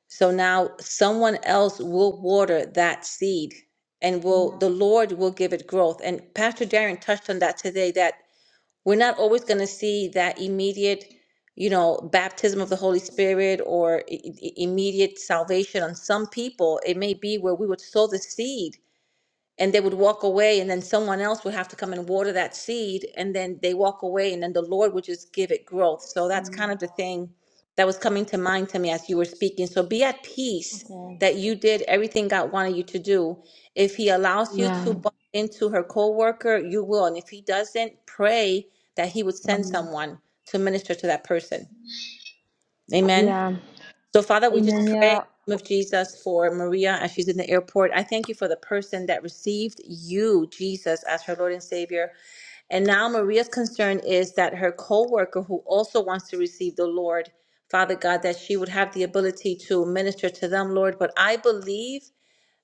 S2: So now someone else will water that seed and
S5: yeah,
S2: will the Lord will give it growth. And Pastor Darren touched on that today that we're not always going to see that immediate you know baptism of the holy spirit or i- i- immediate salvation on some people it may be where we would sow the seed and they would walk away and then someone else would have to come and water that seed and then they walk away and then the lord would just give it growth so that's
S5: yeah.
S2: kind of the thing that was coming to mind to me as you were speaking so be at peace
S5: okay,
S2: that you did everything god wanted you to do if he allows you
S5: yeah,
S2: to bump into her coworker, you will and if he doesn't pray that he would send
S5: mm,
S2: someone to minister to that person amen
S5: yeah,
S2: so, Father, we
S5: and
S2: just
S5: then
S2: pray in
S5: yeah,
S2: the name of Jesus for Maria as she's in the airport. I thank you for the person that received you, Jesus, as her Lord and Savior. And now Maria's concern is that her co-worker who also wants to receive the Lord, Father God, that she would have the ability to minister to them, Lord. But I believe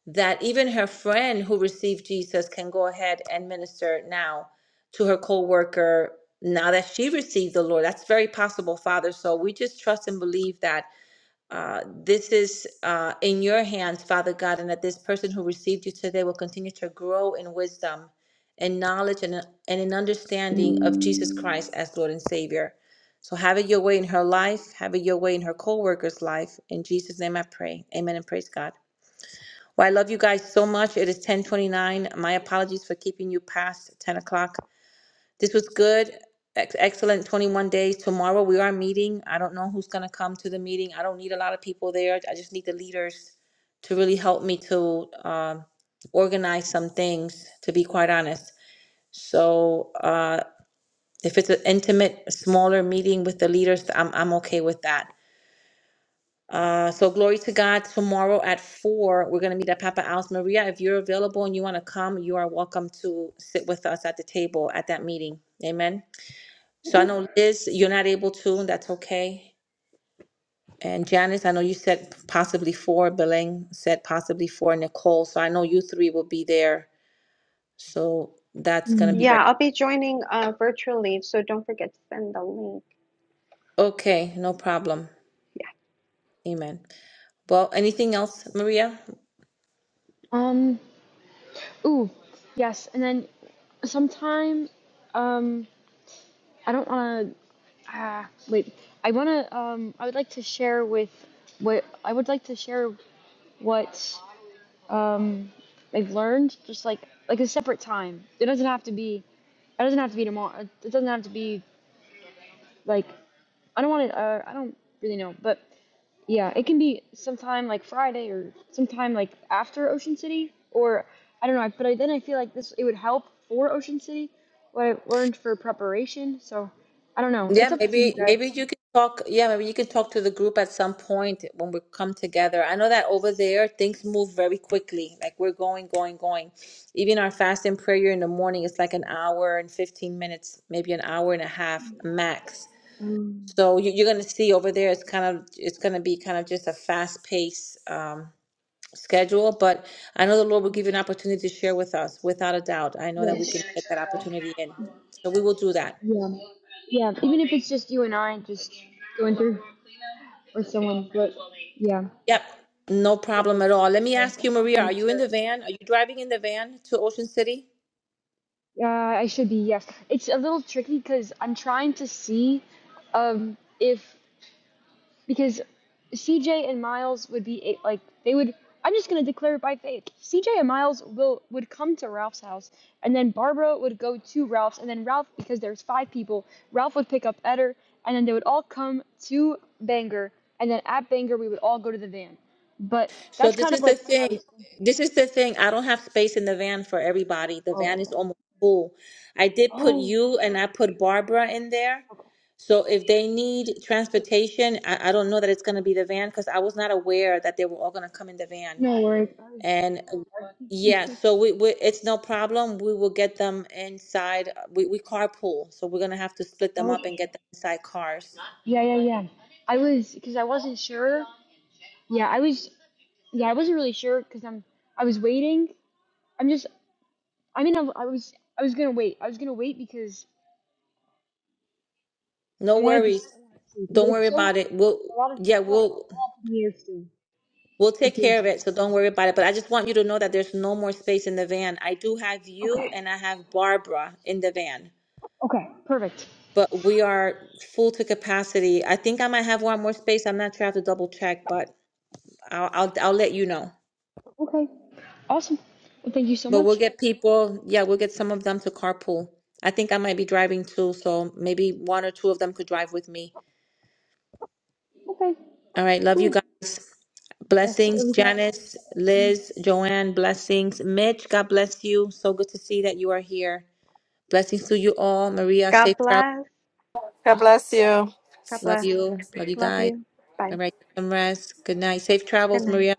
S2: that even her friend who received Jesus can go ahead and minister now to her co-worker now that she received the Lord. That's very possible, Father. So we just trust and believe that. Uh, this is uh, in your hands, Father God, and that this person who received you today will continue to grow in wisdom and knowledge and, uh, and in understanding of Jesus Christ as Lord and Savior. So have it your way in her life, have it your way in her co worker's life. In Jesus' name I pray. Amen and praise God. Well, I love you guys so much. It is 1029. My apologies for keeping you past 10 o'clock. This was good. Ex- Excellent 21 days. Tomorrow we are meeting. I don't know who's going to come to the meeting. I don't need a lot of people there. I just need the leaders to really help me to um, organize some things, to be quite honest. So uh, if it's an intimate, smaller meeting with the leaders, I'm, I'm okay with that. Uh, so glory to God. Tomorrow at four, we're going to meet at Papa Al's. Maria, if you're available and you want to come, you are welcome to sit with us at the table at that meeting. Amen. So I know Liz, you're not able to, and that's okay. And Janice, I know you said possibly four, Belen said possibly four, Nicole. So I know you three will be there. So that's gonna be
S5: mm,
S2: great.
S7: Yeah, I'll be joining uh, virtually, so don't forget to send the link.
S2: Okay, no problem.
S7: Yeah.
S2: Amen. Well, anything else, Maria?
S5: um, ooh, yes, and then sometime, um, I don't want to. Ah, wait, I want to. Um, I would like to share with what I would like to share what um I've learned, just like like a separate time. It doesn't have to be. It doesn't have to be tomorrow. It doesn't have to be like I don't want to. Uh, I don't really know, but yeah, it can be sometime like Friday or sometime like after Ocean City, or I don't know. But I, then I feel like this it would help for Ocean City what I learned for preparation. So I don't know. It's
S2: Yeah,
S5: up to you
S2: maybe maybe
S5: guys.
S2: you can talk. Yeah, maybe you can talk to the group at some point when we come together. I know that over there things move very quickly. Like we're going, going, going. Even our fast and prayer in the morning is like an hour and 15 minutes, maybe an hour and a half max.
S5: Um,
S2: So you, you're gonna see over there it's kind of it's gonna be kind of just a fast pace um, schedule. But I know the Lord will give you an opportunity to share with us, without a doubt. I know that we can
S5: yes.
S2: get that opportunity in. So we will do that.
S5: Yeah. Yeah. Even if it's just you and I, just going through or someone. But yeah.
S2: Yep, no problem at
S5: Perfect.
S2: all. Let me
S5: Okay.
S2: ask
S5: I
S2: you,
S5: just want to
S2: Maria, are
S5: make
S2: you in
S5: sure.
S2: the van? Are you driving in the van to Ocean City?
S5: Uh, I should be, yes. It's a little tricky because I'm trying to see um, if, because CJ and Miles would be a- like, they would, I'm just going to declare it by faith. CJ and Miles will would come to Ralph's house, and then Barbara would go to Ralph's, and then Ralph, because there's five people, Ralph would pick up Eder, and then they would all come to Bangor, and then at Bangor, we would all go to the van. But
S2: So
S5: that's
S2: this
S5: kind of
S2: is the
S5: like what I
S2: thing.
S5: was thinking.
S2: This is the thing. I don't have space in the van for everybody. The van
S5: Okay.
S2: is almost full. I did put
S5: Oh,
S2: you
S5: okay,
S2: and I
S5: okay,
S2: put Barbara in there.
S5: okay. okay.
S2: So if they need transportation, I, I don't know that it's going to be the van because I was not aware that they were all going to come in the
S5: No
S2: van.
S5: worries. I was
S2: Yeah, so we, we it's no problem. We will get them inside. uh, We we carpool, so we're gonna have to split them up and
S5: okay.
S2: get them inside cars.
S5: Yeah, yeah, yeah. I was because I wasn't sure. Yeah, I was. Yeah, I wasn't really sure because I'm. I was waiting. I'm just. I mean, I, I was. I was gonna wait. I was gonna wait because
S2: No
S5: I wanted to.
S2: worries.
S5: s- I want to see because
S2: Don't worry
S5: it's so
S2: about it. We'll
S5: a lot of
S2: yeah,
S5: it's all,
S2: we'll
S5: all up in the air still.
S2: we'll
S5: It
S2: take care
S5: feels
S2: of
S5: like.
S2: it, so don't worry about it. But I just want you to know that there's no more space in the van. I do have you
S5: Okay.
S2: and I have Barbara in the van,
S5: Okay. Perfect.
S2: but we are full to capacity. I think I might have one more space. I'm not sure. I have to double check, but I'll I'll, I'll let you know.
S5: Okay. Awesome. Well, thank you so
S2: But we'll
S5: much.
S2: get people, yeah, we'll get some of them to carpool. I think I might be driving too, so maybe one or two of them could drive with me.
S5: Okay.
S2: All right, love you
S5: Cool.
S2: guys.
S5: Yes.
S2: Blessings,
S5: Everybody.
S2: Janice, Liz, Joanne, blessings. Mitch, God bless you. So good to see that you are here. Blessings to you all. Maria, safe
S7: God
S2: travels.
S7: bless.
S1: God bless you.
S7: God
S2: Love
S7: bless.
S2: you. Love you
S7: Love
S2: guys.
S7: you. Bye.
S2: All right, get some rest. Good night. Safe
S7: Good
S2: travels,
S7: night.
S2: Maria.